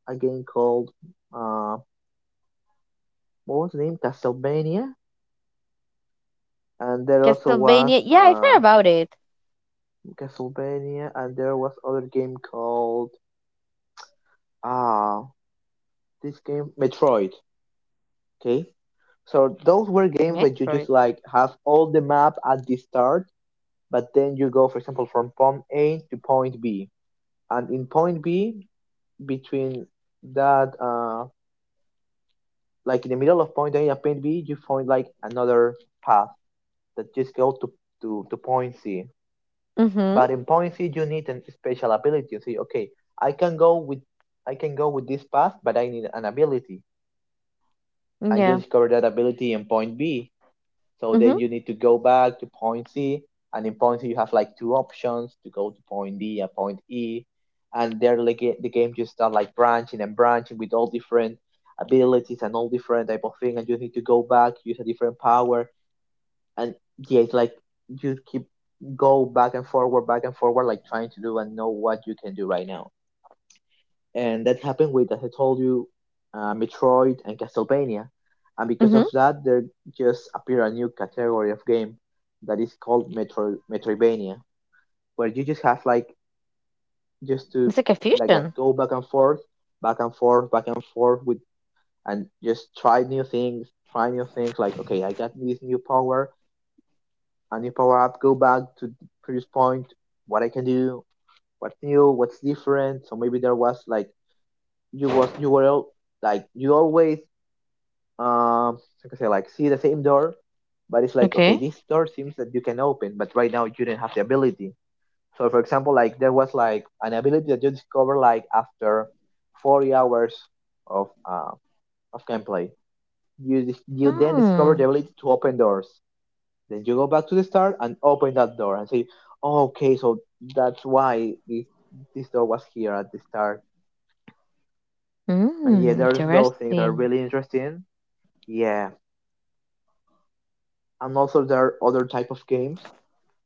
S1: a game called uh, what was named Castlevania, and there also was
S2: Castlevania. Yeah, I've heard about it.
S1: Castlevania, and there was other game called ah uh, this game Metroid. Okay, so those were games where you
S2: Metroid.
S1: just like have all the map at the start, but then you go, for example, from point A to point B, and in point B between that like in the middle of point A and point B, you find like another path that just go to point C.
S2: Mm-hmm.
S1: But in point C, you need an special ability. You see, okay, I can go with I can go with this path, but I need an ability, and you
S2: Yeah.
S1: discover that ability in point B. So then
S2: Mhm.
S1: you need to go back to point C, and in point C you have like two options to go to point D and point E, and there like the game just start like branching and branching with all different abilities and all different type of thing, and you need to go back use a different power and yeah, it's like you keep go back and forward, like trying to do and know what you can do right now. And that happened with, as I told you, Metroid and Castlevania. And because of
S2: Mhm.
S1: that, there just appeared a new category of game that is called Metroidvania, where you just have like just
S2: It's
S1: to
S2: like a
S1: like that
S2: fusion.
S1: go back and forth, back and forth, back and forth with and just try new things. Like okay, I got this new power a new power up, go back to the previous point, what I can do, what's new, what's different. So maybe there was like you were like you always um I can say like see the same door, but it's like okay,
S2: Okay.
S1: this door seems that you can open, but right now you didn't have the ability. So for example, like there was like an ability that you discover like after 40 hours of uh, of gameplay. You you then discover the
S2: Hmm.
S1: ability to open doors, then you go back to the start and open that door and say, oh, okay, so that's why this door was here at the start. And yeah,
S2: Mm,
S1: there's those things that are
S2: interesting.
S1: really interesting. Yeah, and also there are other type of games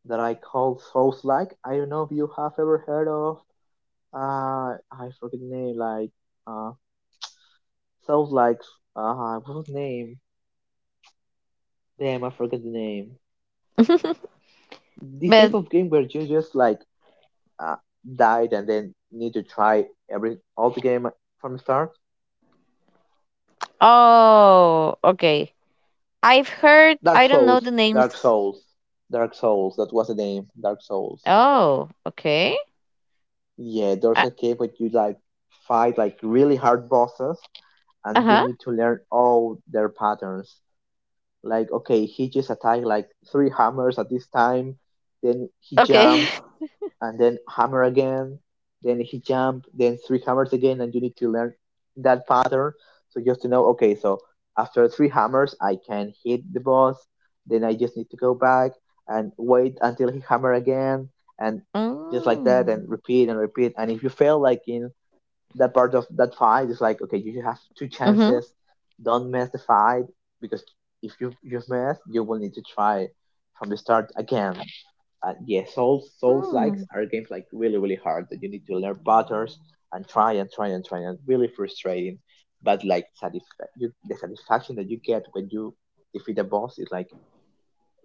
S1: that I call Souls-like. I don't know if you have ever heard of. I forget the name. Like uh, Souls-like. What's the name? Damn, I forget the name. This
S2: But
S1: type of game where you just like uh, died and then need to try every all the game from the start.
S2: oh, okay. I've heard.
S1: Dark
S2: I don't know
S1: Souls,
S2: the
S1: Dark
S2: names.
S1: Souls, Dark Souls. That was the name, Dark Souls.
S2: Oh, okay.
S1: Yeah, there's a cave where you like fight like really hard bosses,
S2: Uh
S1: and you
S2: huh.
S1: need to learn all their patterns. Like, okay, he just attacked like three hammers at this time. Then he
S2: Okay.
S1: jumped. And then hammer again, then he jump, then three hammers again, and you need to learn that pattern. So just to know, okay, so after three hammers, I can hit the boss. Then I just need to go back and wait until he hammer again, and just like that, and
S2: Mm.
S1: repeat and repeat. And if you fail, like in that part of that fight, it's like okay, you have two
S2: Mhm.
S1: chances. Don't mess the fight because if you mess, you will need to try from the start again. Yeah, Souls likes
S2: Mm.
S1: are games like really hard that you need to learn patterns and try and really frustrating. But like the satisfaction that you get when you defeat a boss is like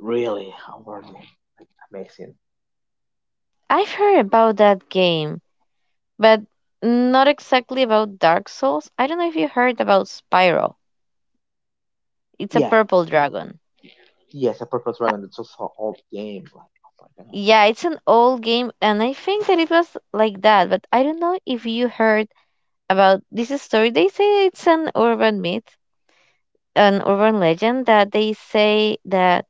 S1: really awarding, like amazing.
S2: I've heard about that game, but not exactly about Dark Souls. I don't know if you heard about Spiral. It's a
S1: Yeah,
S2: purple dragon.
S1: yes, a purple dragon. That's also old game. Like oh my god,
S2: Yeah, it's an old game, and I think that it was like that. But I don't know if you heard about this story. They say it's an urban myth, an urban legend, that they say that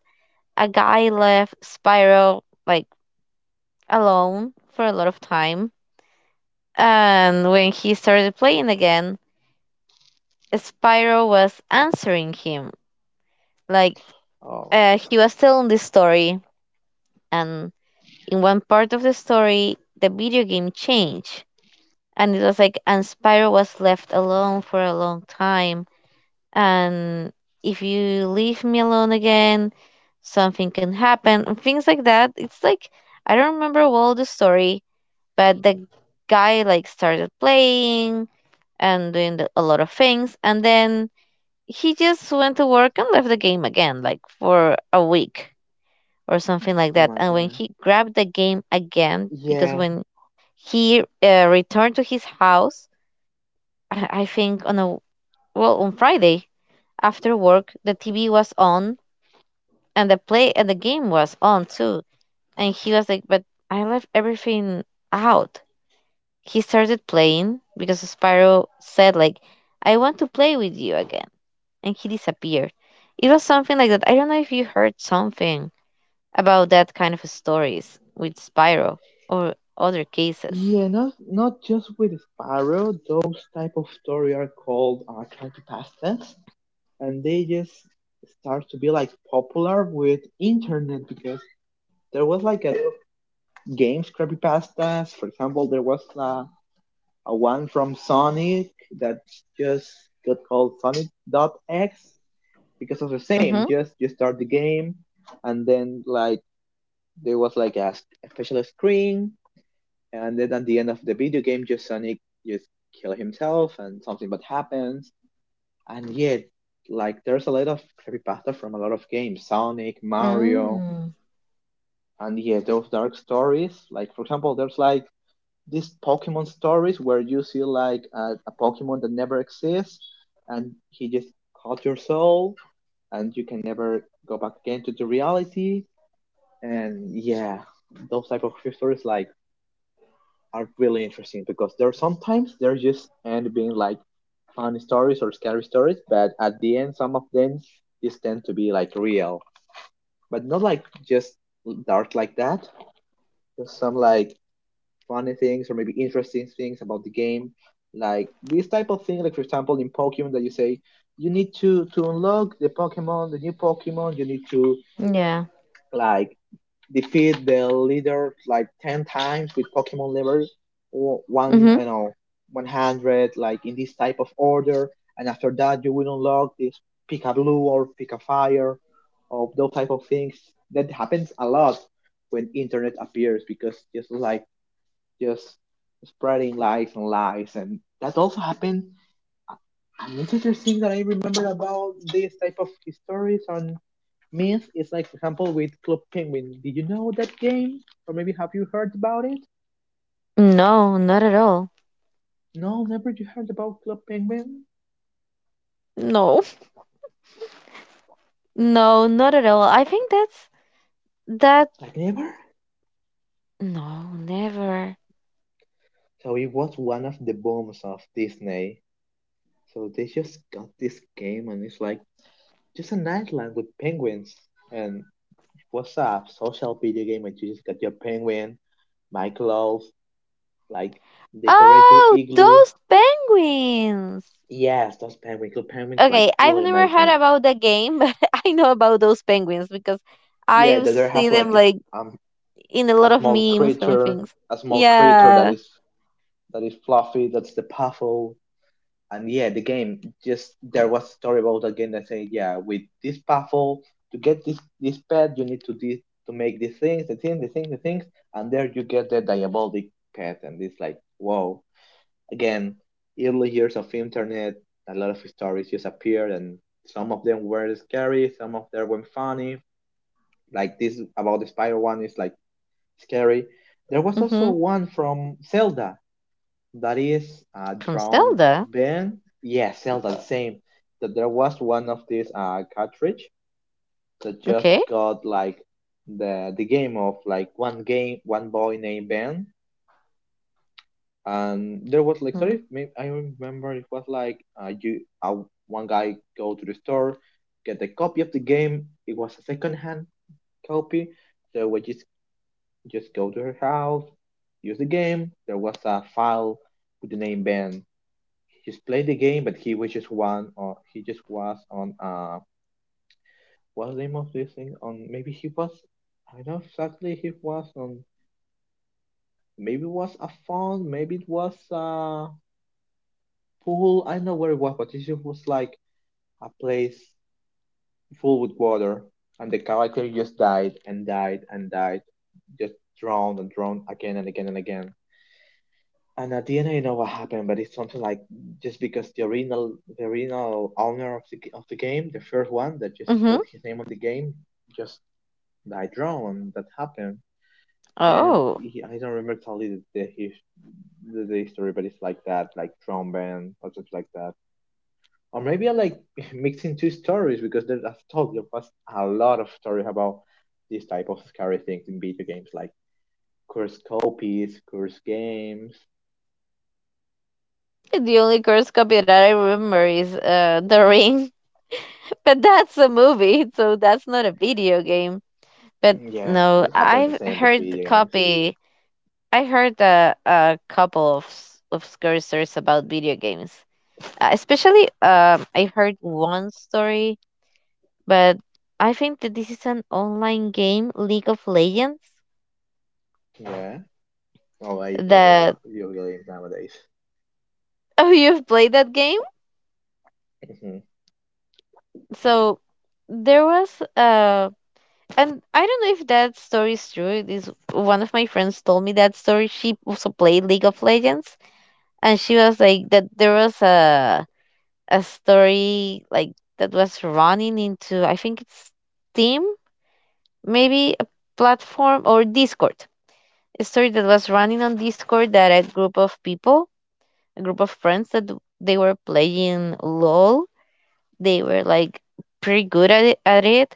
S2: a guy left Spyro like alone for a lot of time, and when he started playing again, Spyro was answering him. Like,
S1: oh
S2: he was telling this story, and in one part of the story, the video game changed, and it was like, and Spyro was left alone for a long time, and if you leave me alone again, something can happen, and things like that. It's like, I don't remember all the story, but the guy like started playing and doing a lot of things, and then he just went to work and left the game again like for a week or something like
S1: oh
S2: that.
S1: my
S2: And when
S1: god.
S2: he grabbed the game again, because
S1: Yeah,
S2: when he, returned to his house, I think on a, well, on Friday after work, the TV was on, and the play and the game was on too. And he was like, "But I left everything out." He started playing because Spyro said like, "I want to play with you again," and he disappeared. It was something like that. I don't know if you heard something about that kind of stories with Spyro or other cases.
S1: yeah. Not just with Sparrow. Those type of story are called trying to pass them, and they just start to be like popular with internet because there was like a games creepypastas. For example, there was a one from Sonic that just got called Sonic dot .X because of the same.
S2: Mm-hmm.
S1: Just you start the game, and then like there was like a special screen, and then at the end of the video game, just Sonic just kill himself and something bad happens, and yet like there's a lot of creepypasta from a lot of games, sonic, mario,
S2: Mm.
S1: and yeah, those dark stories, like for example there's like these pokemon stories where you see like a pokemon that never exists, and he just caught your soul, and you can never go back again to the reality. And yeah, those type of stories like are really interesting because they're sometimes they're just end being like funny stories or scary stories, but at the end some of them just tend to be like real, but not like just dark like that. Just some like funny things or maybe interesting things about the game, like this type of thing. Like for example in Pokemon that you say you need to unlock the Pokemon, the new Pokemon, you need to
S2: Yeah.
S1: like defeat the leader like 10 times with pokemon level one,
S2: Mm-hmm.
S1: you know, 100, like in this type of order, and after that you will unlock this, pick a blue or pick a fire or those type of things, that happens a lot when internet appears because just like just spreading lies and lies. And that also happened, another thing that I remember about this type of stories histories means, it's like for example with Club Penguin. Did you know that game? Or maybe have you heard about it?
S2: No, not at all.
S1: No, never you heard about Club Penguin?
S2: No. No, not at all. I think that's that.
S1: Like never?
S2: No, never.
S1: So it was one of the booms of Disney. So they just got this game and it's like just an island with penguins, and what's up social video game, and you just got your penguin, my clothes, like decorate your
S2: Oh,
S1: igloo.
S2: those penguins.
S1: Yes, those penguin club penguins, like
S2: Okay, I've
S1: really
S2: never heard
S1: amazing.
S2: about the game, but I know about those penguins because I
S1: Yeah,
S2: have
S1: that they have
S2: seen
S1: like
S2: them like
S1: um
S2: in a
S1: a
S2: lot of memes and things.
S1: a small crater
S2: Yeah.
S1: that is fluffy. That's the puffle. And yeah, the game just there was a story about the game that said, yeah, with this puffle to get this pet, you need to make the things, and there you get the diabolic pet, and it's like, whoa! Again, early years of internet, a lot of stories just appeared, and some of them were scary, some of them were funny. Like this about the spider one is like scary. There was also
S2: Mhm.
S1: one from Zelda that is
S2: From
S1: Drown
S2: Zelda.
S1: Ben. Yeah, Zelda, the same. That there was one of these cartridge that just
S2: Okay.
S1: got like the game of like one game, one boy named Ben, and there was
S2: Mm.
S1: like sorry, I remember it was like you one guy go to the store, get a copy of the game. It was a second hand copy, so we just. Just go to her house, use the game. There was a file with the name Ben. He just played the game, but he was just one on. He just was on. What's the name of this thing? On maybe he was. I don't know exactly. He was on. Maybe it was a phone. Maybe it was a pool. I don't know where it was, but it just was like a place full with water, and the character just died, just drowned again. And at the end, I don't know what happened, but it's something like just because the original owner of the game, the first one that just put
S2: Mhm.
S1: his name on the game, just died drowned. That happened, and
S2: Oh.
S1: he, I don't remember totally the history, but it's like that, like drowned band or something like that. Or maybe I like mixing two stories because there, as told, there was a lot of stories about these type of scary things in video games, like cursed copies, cursed games.
S2: The only cursed copy that I remember is, The Ring, but that's a movie, so that's not a video game. But
S1: Yeah,
S2: no,
S1: but it happens the
S2: I've
S1: same with
S2: heard the
S1: video games.
S2: copy. I heard a couple of of scary stories about video games. Especially, I heard one story, but I think that this is an online game, League of Legends.
S1: Yeah. Oh, I play a lot
S2: That,
S1: of video games nowadays.
S2: oh, you've played that game?
S1: Hmm. Yeah.
S2: So there was, and I don't know if that story is true. This one of my friends told me that story. She also played League of Legends, and she was like that. There was a story like, that was running into, I think it's Steam, maybe a platform or Discord. A story that was running on Discord, that a group of people, a group of friends, that they were playing LOL. They were like pretty good at it,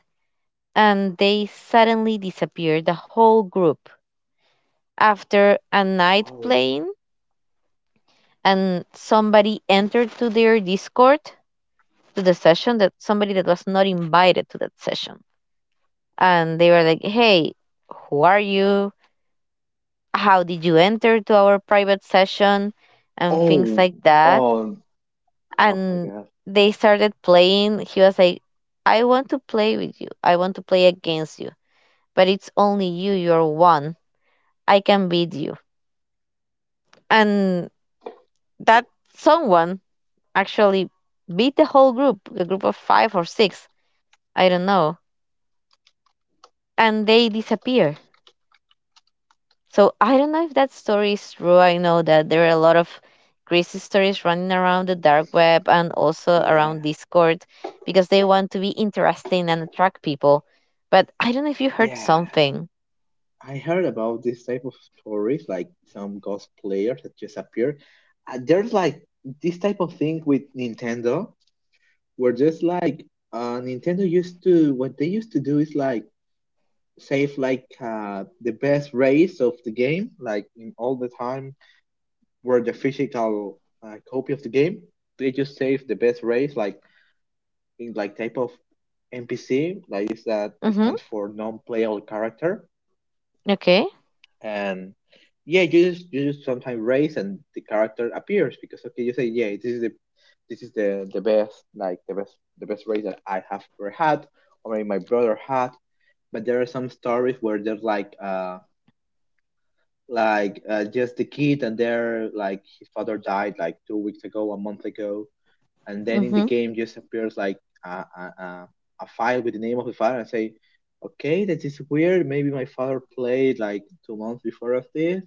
S2: and they suddenly disappeared the whole group after a night
S1: Oh.
S2: playing, and somebody entered to their Discord, to the session, that somebody that was not invited to that session, and they were like, "Hey, who are you? How did you enter to our private session?" And things
S1: Oh.
S2: like that.
S1: Oh. Oh my
S2: And
S1: God.
S2: they started playing. He was like, "I want to play with you. I want to play against you, but it's only you. You're one. I can beat you." And that someone actually beat the whole group, a group of five or six, I don't know, and they disappear. So I don't know if that story is true. I know that there are a lot of crazy stories running around the dark web and also
S1: Yeah.
S2: around Discord because they want to be interesting and attract people. But I don't know if you heard
S1: Yeah.
S2: something.
S1: I heard about this type of stories, like some ghost players that just appear. There's like this type of thing with Nintendo, where just like Nintendo used to, what they used to do is like save like the best race of the game, like in all the time were the physical copy of the game. It just saves the best race, like in like type of NPC, like is that it
S2: Mm-hmm.
S1: stands for non-playable character,
S2: Okay.
S1: and yeah, you just sometimes race and the character appears because okay, you say yeah, this is the best, like the best race that I have ever had, or maybe my brother had. But there are some stories where there's just the kid, and they're like his father died like 2 weeks ago, a month ago, and then in the
S2: Mm-hmm.
S1: game just appears like a file with the name of the file and say, okay, that is weird, maybe my father played like 2 months before of this.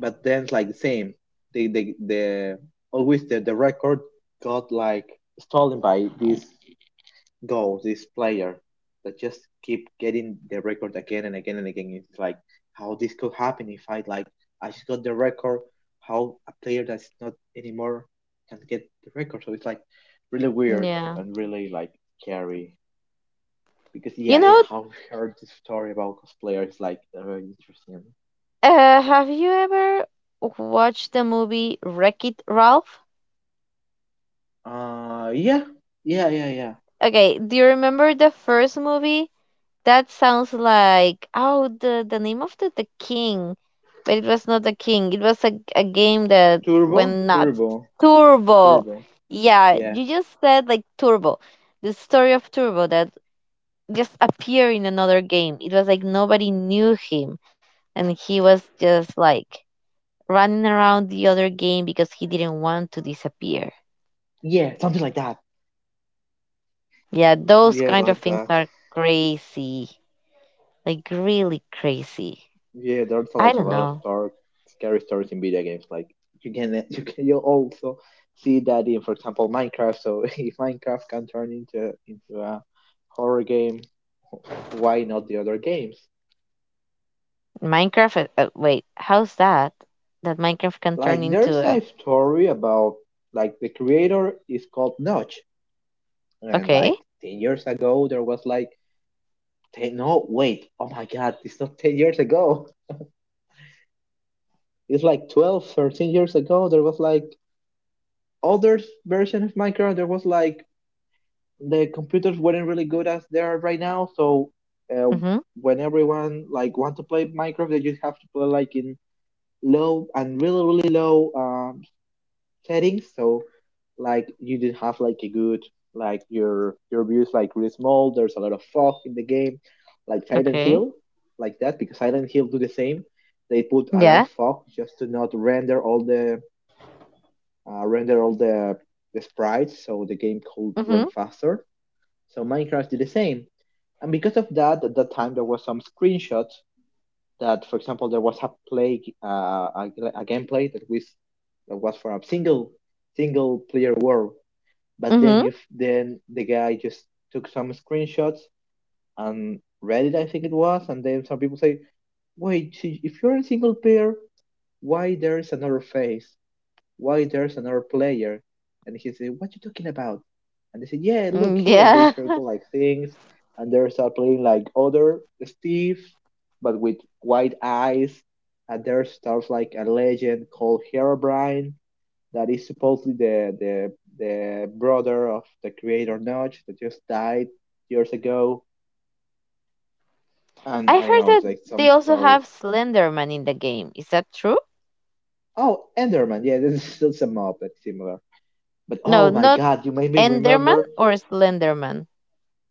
S1: But then it's like the same, the always the record got like stolen by this go this player that just keep getting the record again and again and again. It's like, how this could happen if I, I just got the record? How a player that's not anymore can get the record? So it's like really weird
S2: Yeah.
S1: and really like scary. Because
S2: You
S1: yeah, yeah,
S2: know,
S1: I've heard this story about cosplayers, like very interesting.
S2: have you ever watched the movie Wreck It Ralph?
S1: Uh, yeah. Yeah, yeah, yeah.
S2: Okay, do you remember the first movie? That sounds like, oh, the name of the king, but it was not the king. It was a game that
S1: Turbo,
S2: went nuts.
S1: turbo,
S2: Turbo.
S1: turbo.
S2: Yeah,
S1: Yeah.
S2: you just said like Turbo, the story of Turbo that just appeared in another game. It was like nobody knew him, and he was just like running around the other game because he didn't want to disappear.
S1: Yeah, something like that.
S2: Yeah, those
S1: Yeah,
S2: kind of
S1: like
S2: things
S1: that.
S2: are crazy, like really crazy.
S1: Yeah, there's
S2: I
S1: like a
S2: don't
S1: lot of
S2: know.
S1: dark, scary stories in video games. Like you can you also see that in, for example, Minecraft. So if Minecraft can turn into a horror game, why not the other games?
S2: Minecraft. Wait, how's that? That Minecraft can
S1: Like
S2: turn
S1: there's
S2: into
S1: a
S2: a.
S1: story about like the creator is called Notch, and like
S2: Okay.
S1: 10 years ago there was like ten, no wait, oh my god, it's not 10 years ago, it's like 12, 13 years ago there was like other version of Minecraft. There was like the computers weren't really good as they are right now. So uh,
S2: Mm-hmm.
S1: when everyone like want to play Minecraft, they just have to play like in low and really really low settings. So like you didn't have like a good, like your view is like really small. There's a lot of fog in the game, like Silent
S2: Okay.
S1: Hill, like that because Silent Hill do the same. They put a lot of
S2: Yeah.
S1: fog just to not render all the render all the sprites so the game could run
S2: Mm-hmm.
S1: faster, so Minecraft did the same. And because of that, at that time there was some screenshots that, for example, there was a a gameplay that was for a single player world. But then
S2: Mm-hmm.
S1: you then the guy just took some screenshots and read it, I think it was, and then some people say, wait, if you're a single player, why there is another phase? Why there's another player? And he said, what you talking about? And they said, yeah, look
S2: Mm,
S1: here. And they
S2: yeah.
S1: circle like things. And they start playing like other Steve, but with white eyes. And there starts like a legend called Herobrine that is supposedly the brother of the creator Notch that just died years ago. And
S2: I
S1: I don't
S2: heard
S1: know, it's
S2: that
S1: like some
S2: they also
S1: stories.
S2: have Slenderman in the game. Is that true?
S1: Oh, Enderman. Yeah, this is still some mob that's similar. But
S2: No,
S1: oh my
S2: not
S1: god, you made me
S2: Enderman
S1: remember.
S2: or Slenderman.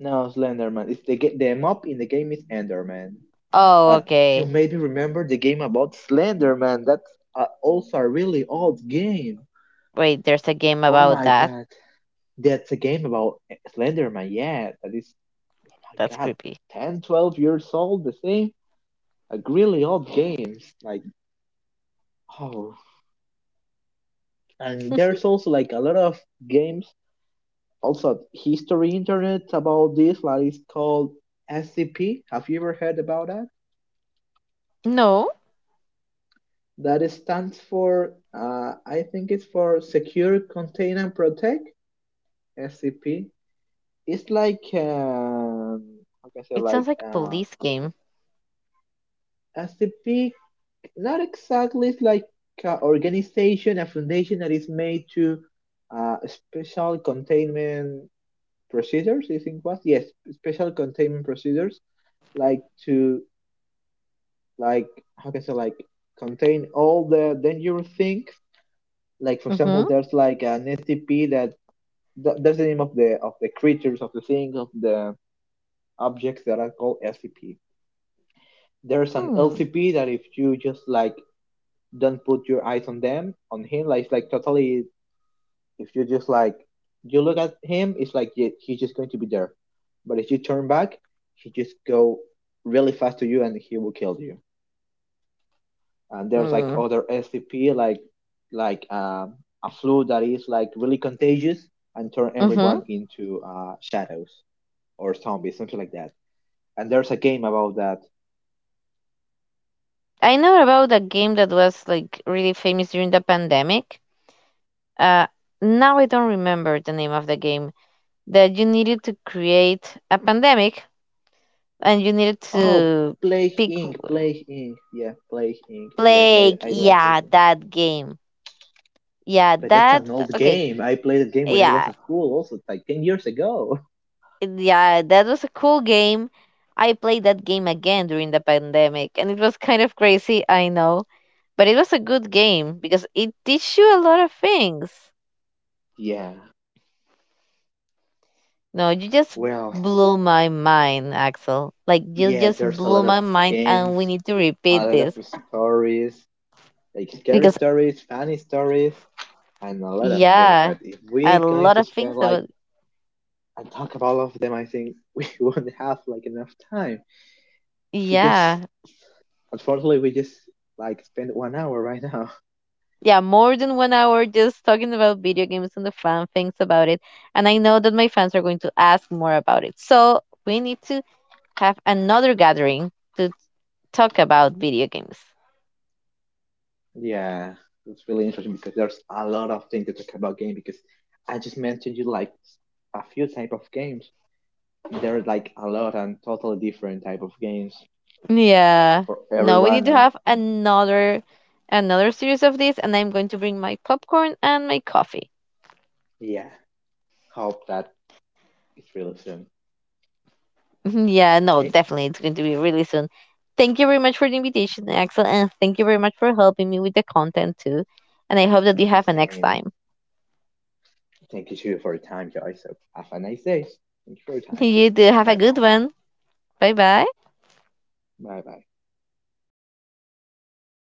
S1: No, Slenderman. It's the the mob in the game is Enderman.
S2: Oh,
S1: But you
S2: okay.
S1: maybe remember the game about Slenderman. That's also a really old game.
S2: Wait, there's a game
S1: Oh
S2: about
S1: my
S2: that.
S1: god. That's a game about Slenderman. Yeah, that is, my
S2: That's
S1: god,
S2: creepy.
S1: 10, 12 years old, the same. Like really old games. Like, oh, and there's also like a lot of games, also history internet about this, like it's called SCP. Have you ever heard about that?
S2: No,
S1: That stands for, I think it's for Secure, Contain, and Protect, SCP. It's like, how can I say,
S2: it sounds
S1: like,
S2: like a police game.
S1: SCP, not exactly, it's like an organization, a foundation that is made to special containment procedures, I think was, yes, special containment procedures, like to, like, how can I say, like, contain all the dangerous things, like for example
S2: Mm-hmm.
S1: there's like an scp that. That's the name of the creatures of the things, of the objects that are called LCP. There's an
S2: Hmm.
S1: LCP that if you just like don't put your eyes on him, like it's like totally, if you just like you look at him, it's like he's just going to be there, but if you turn back he just go really fast to you and he will kill you. And there's like
S2: Mm.
S1: other SCP, like like um, a flu that is like really contagious and turn
S2: Mm-hmm.
S1: everyone into shadows or zombies, something like that, and there's a game about that.
S2: I know about a game that was like really famous during the pandemic. Uh, now I don't remember the name of the game, that you needed to create a pandemic and you needed
S1: Oh,
S2: to
S1: Plague
S2: pick
S1: Inc. Plague Inc. Yeah, Plague Inc. Yeah, I played.
S2: plague.
S1: I love
S2: Yeah,
S1: that game.
S2: that game. Yeah,
S1: But that's
S2: that.
S1: an old
S2: Okay.
S1: game. I played that game when I was
S2: Yeah,
S1: at school, also like 10 years ago.
S2: yeah, that was a cool game. I played that game again during the pandemic, and it was kind of crazy. I know, but it was a good game because it teach you a lot of things.
S1: Yeah.
S2: No, you just
S1: Well,
S2: blew my mind, Axel. Like you
S1: yeah.
S2: just
S1: There's a lot
S2: blew
S1: of
S2: my mind, and we
S1: games,
S2: need to
S1: a
S2: repeat
S1: lot of
S2: this,
S1: stories, like scary
S2: because
S1: stories, funny stories, and a lot of things.
S2: yeah,
S1: But if
S2: a
S1: we're going
S2: lot
S1: to
S2: of
S1: spend
S2: things
S1: like
S2: about,
S1: and talk about all of them, I think we won't have like enough time. Because
S2: yeah,
S1: unfortunately we just like spent 1 hour right now.
S2: yeah, more than 1 hour just talking about video games and the fun things about it. And I know that my fans are going to ask more about it, so we need to have another gathering to talk about video games.
S1: Yeah, it's really interesting because there's a lot of things to talk about game, because I just mentioned you like a few type of games. There are like a lot and totally different type of games
S2: Yeah.
S1: for
S2: No, we need
S1: everyone.
S2: to have another series of this, and I'm going to bring my popcorn and my coffee.
S1: Yeah, hope that it's really soon.
S2: Yeah, no,
S1: Okay,
S2: definitely it's going to be really soon. Thank you very much for the invitation, Axel, and thank you very much for helping me with the content too. And I hope that you have a next
S1: same.
S2: time.
S1: Thank you too for your time, guys. So have a nice day. Thank you for your time.
S2: You do have a
S1: Bye bye.
S2: good one. Bye bye.
S1: Bye bye.